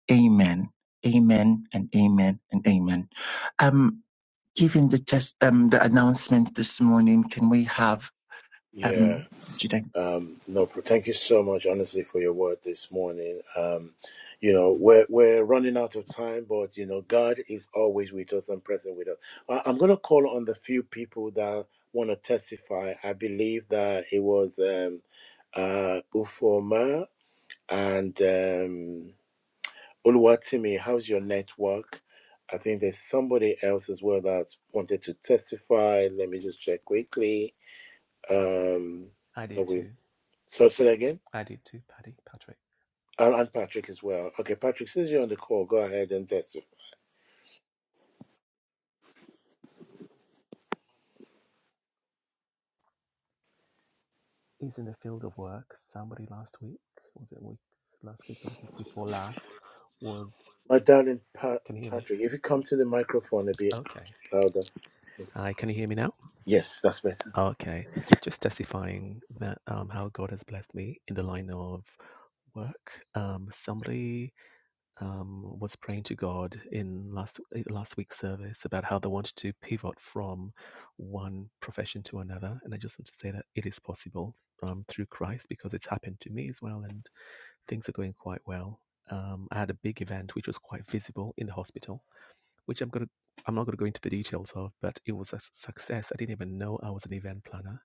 [SPEAKER 2] Amen. Amen and amen and amen. Um. Given the test, um, the announcement this morning, can we have
[SPEAKER 1] Yeah.
[SPEAKER 2] um, Judah?
[SPEAKER 1] Um, no, thank you so much, honestly, for your word this morning. Um, you know, we're we're running out of time, but you know, God is always with us and present with us. I, I'm going to call on the few people that want to testify. I believe that it was um, uh, Ufoma And um, Oluwatimi, how's your network? I think there's somebody else as well that wanted to testify. Let me just check quickly. Um,
[SPEAKER 9] I
[SPEAKER 1] are
[SPEAKER 9] did
[SPEAKER 1] we
[SPEAKER 9] too.
[SPEAKER 1] so say that again?
[SPEAKER 9] I did too, Paddy, Patrick.
[SPEAKER 1] And, and Patrick as well. Okay, Patrick, since you're on the call, go ahead and testify.
[SPEAKER 9] Is in the field of work. Somebody last week, was it week last week or the week before last, was
[SPEAKER 1] My darling pa-
[SPEAKER 9] can you hear me?
[SPEAKER 1] Patrick, if you come to the microphone a bit
[SPEAKER 9] Okay.
[SPEAKER 1] louder.
[SPEAKER 9] Hi, can you hear me now?
[SPEAKER 1] Yes, that's better.
[SPEAKER 9] Okay. Just testifying that um how God has blessed me in the line of work. Um somebody um, was praying to God in last eh, last week's service about how they wanted to pivot from one profession to another, and I just want to say that it is possible um, through Christ because it's happened to me as well, and things are going quite well. Um, I had a big event which was quite visible in the hospital, which I'm gonna I'm not gonna go into the details of, but it was a success. I didn't even know I was an event planner.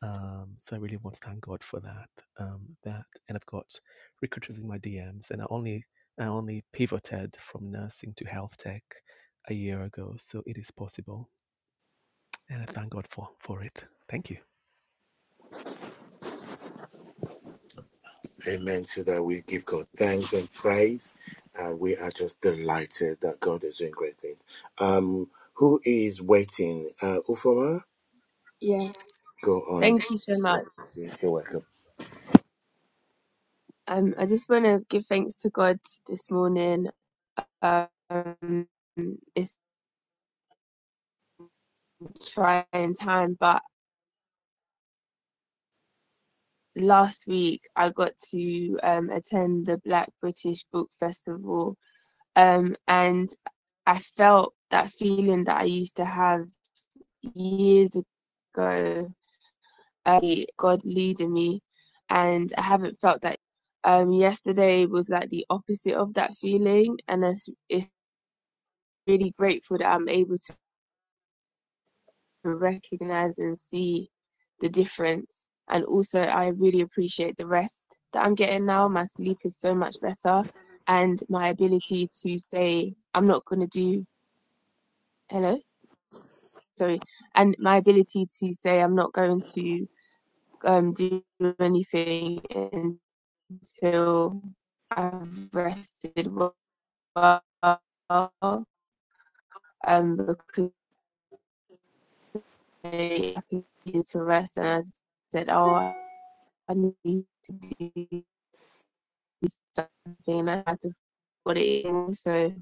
[SPEAKER 9] Um, so I really want to thank God for that. Um, that and I've got recruiters in my DMs, and I only I only pivoted from nursing to health tech a year ago, so it is possible, and I thank God for for it. Thank you.
[SPEAKER 1] Amen. So that we give God thanks and praise. And we are just delighted that God is doing great things. Um, who is waiting? Uh, Ufoma,
[SPEAKER 10] Yeah,
[SPEAKER 1] go on.
[SPEAKER 10] thank you so much.
[SPEAKER 1] You're welcome.
[SPEAKER 10] Um, I just want to give thanks to God this morning. Um, it's a trying time, but last week I got to um, attend the Black British Book Festival, um, and I felt that feeling that I used to have years ago. uh, God leading me, and I haven't felt that um yesterday was like the opposite of that feeling and it's, it's really grateful that I'm able to recognize and see the difference. And also, I really appreciate the rest that I'm getting now. My sleep is so much better, and my ability to say, I'm not going to do, hello, sorry, and my ability to say, I'm not going to um, do anything until I've rested well. Um, because say I needed to rest, and I said, "Oh, I need to do something." I had to put it in, so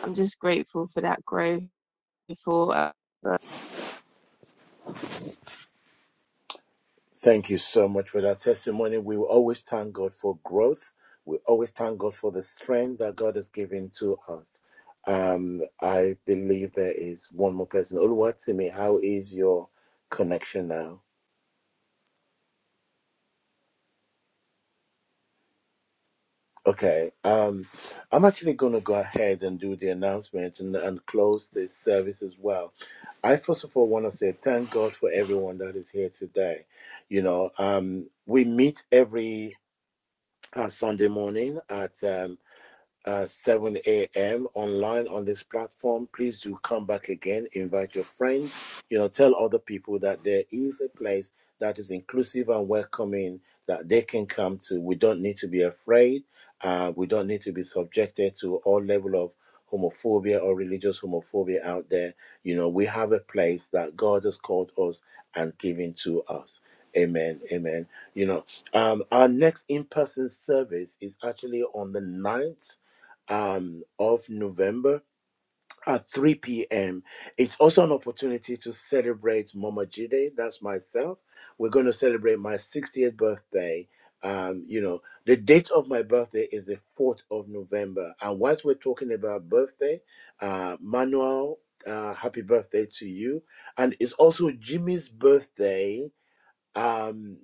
[SPEAKER 10] I'm just grateful for that growth. Before, uh,
[SPEAKER 1] Thank you so much for that testimony. We will always thank God for growth. We always thank God for the strength that God has given to us. Um, I believe there is one more person. Oluwatimi, how is your connection now? Okay, um, I'm actually going to go ahead and do the announcement and, and close this service as well. I first of all want to say thank God for everyone that is here today. You know, um, we meet every uh, Sunday morning at um, uh, 7 a.m. online on this platform. Please do come back again. Invite your friends. You know, tell other people that there is a place that is inclusive and welcoming that they can come to. We don't need to be afraid. Uh, we don't need to be subjected to all level of homophobia or religious homophobia out there. You know, we have a place that God has called us and given to us. Amen. Amen. You know, um, our next in-person service is actually on the ninth um, of November at 3 p.m. It's also an opportunity to celebrate Mama Jide. That's myself. We're going to celebrate my 60th birthday. Um, you know, the date of my birthday is the 4th of November. And whilst we're talking about birthday, uh, Manuel, uh, happy birthday to you. And it's also Jimmy's birthday. Um,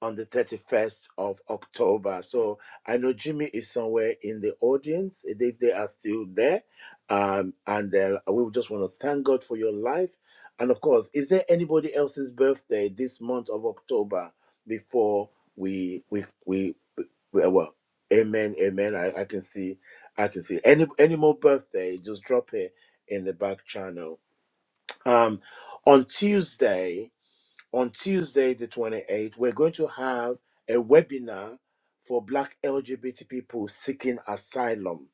[SPEAKER 1] on the 31st of October. So I know Jimmy is somewhere in the audience if they are still there. Um, and uh, we just want to thank God for your life. And of course, is there anybody else's birthday this month of October before we we we, we uh, well, amen, amen. I, I can see, I can see any any more birthday. Just drop it in the back channel. Um, on Tuesday, on Tuesday, the 28th, we're going to have a webinar for Black LGBT people seeking asylum.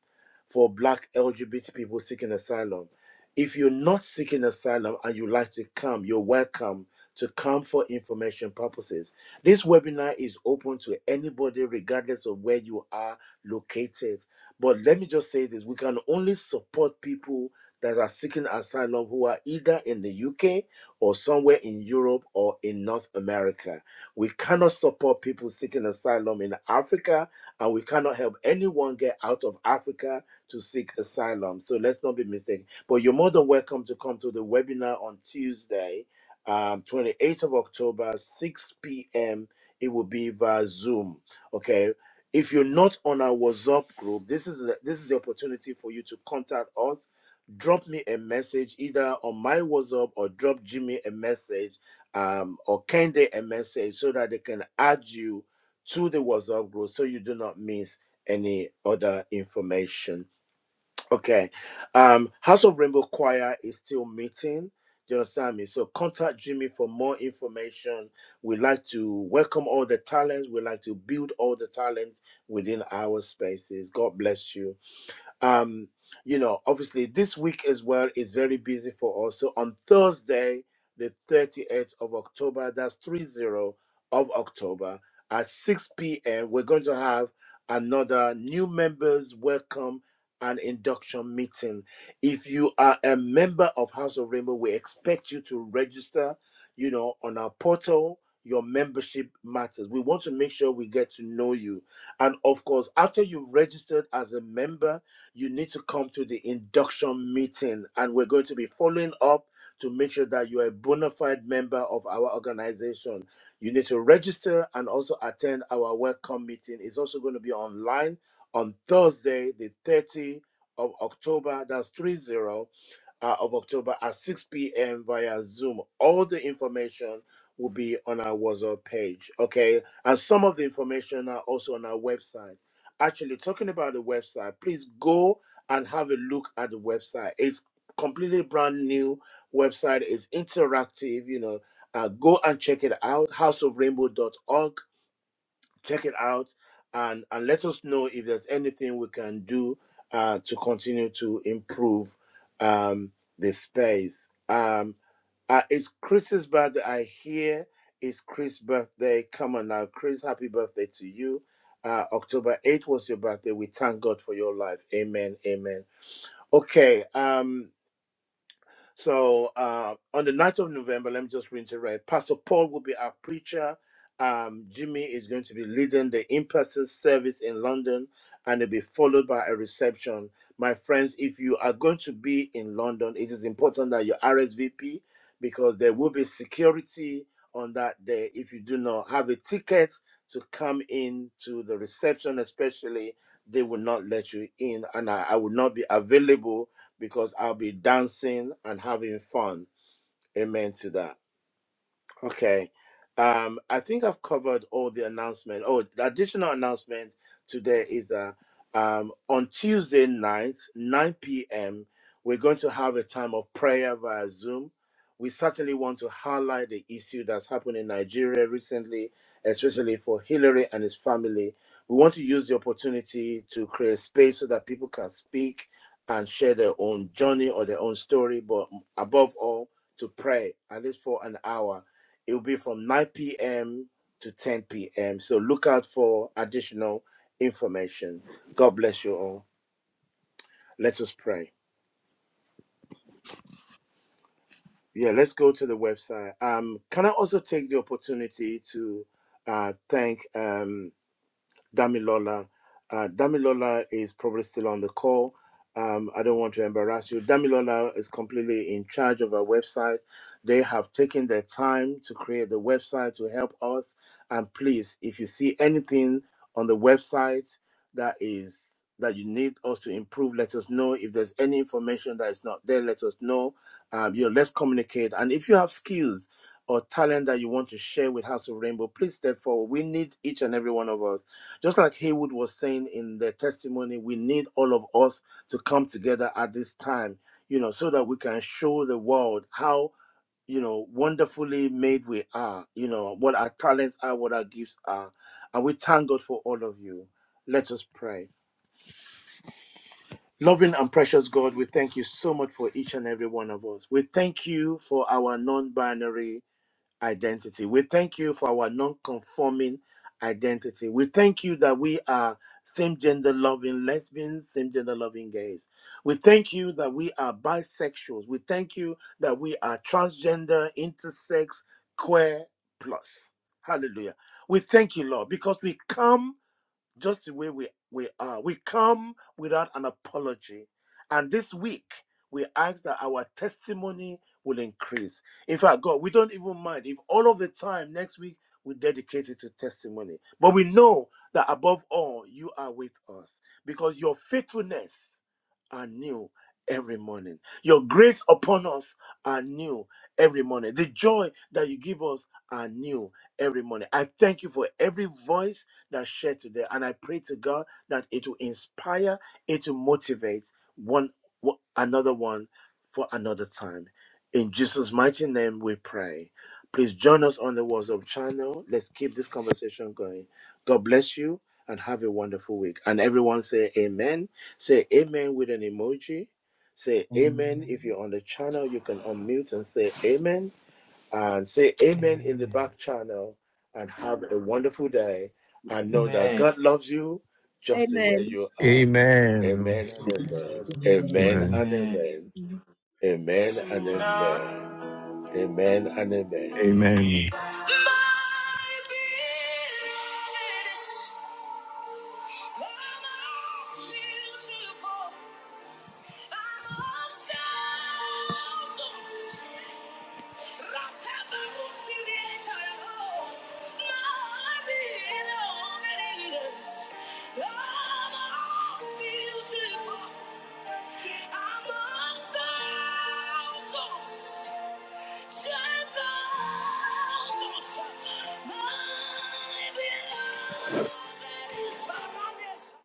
[SPEAKER 1] For Black LGBT people seeking asylum. If you're not seeking asylum and you'd like to come, you're welcome to come for information purposes. This webinar is open to anybody, regardless of where you are located. But let me just say this we can only support people that are seeking asylum who are either in the UK or somewhere in Europe or in North America. We cannot support people seeking asylum in Africa, and we cannot help anyone get out of Africa to seek asylum. So let's not be mistaken. But you're more than welcome to come to the webinar on Tuesday, um, 28th of October, 6 p.m. It will be via Zoom. Okay. If you're not on our WhatsApp group, this is the, this is the opportunity for you to contact us drop me a message either on my WhatsApp or drop Jimmy a message um, or Kende a message so that they can add you to the WhatsApp group so you do not miss any other information. Okay. Um, House of Rainbow Choir is still meeting. Do you understand me? So contact Jimmy for more information. We like to welcome all the talents. We like to build all the talents within our spaces. God bless you um you know obviously this week as well is very busy for us so on thursday the 38th of october that's 30 of october at 6 p.m we're going to have another new members welcome and induction meeting if you are a member of house of rainbow we expect you to register you know on our portal your membership matters we want to make sure we get to know you and of course after you've registered as a member you need to come to the induction meeting and we're going to be following up to make sure that you are a bona fide member of our organization. You need to register and also attend our welcome meeting. It's also going to be online on Thursday, the 30th of October. That's 30 uh, of October at 6 p.m. via Zoom. All the information will be on our WhatsApp page. Okay. And some of the information are also on our website Actually, talking about the website, please go and have a look at the website. It's completely brand new website. It's interactive, you know. Uh, go and check it out, houseofrainbow.org check it out and and let us know if there's anything we can do uh, to continue to improve um, the space. Um, uh, it's Chris's birthday. I hear it's Chris's birthday. Come on now, Chris. Happy birthday to you. Uh, October 8th was your birthday. We thank God for your life. Amen. Amen. Okay. Um, so uh, on the night of November, let me just reiterate Pastor Paul will be our preacher. Um, Jimmy is going to be leading the in person service in London, and it'll be followed by a reception. My friends, if you are going to be in London, it is important that you RSVP because there will be security on that day if you do not have a ticket to come in to the reception, especially. They will not let you in, and I, I will not be available because I'll be dancing and having fun. Amen to that. Okay. Um, I think I've covered all the announcement. Oh, the additional announcement today is uh, um, on Tuesday night, 9 p.m., we're going to have a time of prayer via Zoom. We certainly want to highlight the issue that's happened in Nigeria recently, especially for Hillary and his family. We want to use the opportunity to create space so that people can speak and share their own journey or their own story, but above all, to pray at least for an hour it will be from 9 p.m. to 10 p.m. So look out for additional information. God bless you all. Let us pray. Yeah, let's go to the website. Um, can I also take the opportunity to uh, thank um, Damilola. Uh, Damilola is probably still on the call. Um, I don't want to embarrass you. Damilola is completely in charge of our website. They have taken their time to create the website to help us. And please, if you see anything on the website, that is that you need us to improve. Let us know if there's any information that is not there. Let us know. Um, you know, let's communicate. And if you have skills or talent that you want to share with House of Rainbow, please step forward. We need each and every one of us. Just like Haywood was saying in the testimony, we need all of us to come together at this time. You know, so that we can show the world how you know, wonderfully made we are, you know, what our talents are, what our gifts are. And we thank God for all of you. Let us pray. Loving and precious God, we thank you so much for each and every one of us. We thank you for our non binary identity. We thank you for our non conforming identity. We thank you that we are same gender loving lesbians, same gender loving gays. We thank you that we are bisexuals. We thank you that we are transgender, intersex, queer plus. Hallelujah. We thank you, Lord, because we come just the way we, we are. We come without an apology. And this week, we ask that our testimony will increase. In fact, God, we don't even mind if all of the time next week we dedicate it to testimony. But we know that above all, you are with us because your faithfulness are new every morning. Your grace upon us are new every morning. The joy that you give us are new every morning. I thank you for every voice that shared today. And I pray to God that it will inspire, it will motivate one another one for another time. In Jesus' mighty name we pray. Please join us on the WhatsApp channel. Let's keep this conversation going. God bless you and have a wonderful week. And everyone say amen. Say amen with an emoji. Say amen. If you're on the channel, you can unmute and say amen and say amen in the
[SPEAKER 9] Amen.
[SPEAKER 1] back channel and have a wonderful day and know that
[SPEAKER 5] Amen.
[SPEAKER 1] God loves you just the way
[SPEAKER 10] Amen.
[SPEAKER 1] you are.
[SPEAKER 11] Amen.
[SPEAKER 1] Amen and amen. Amen
[SPEAKER 11] Amen.
[SPEAKER 1] and
[SPEAKER 5] Amen.
[SPEAKER 1] amen. Amen and amen. Amen and amen.
[SPEAKER 11] Amen.
[SPEAKER 1] My My beloved is surrounded.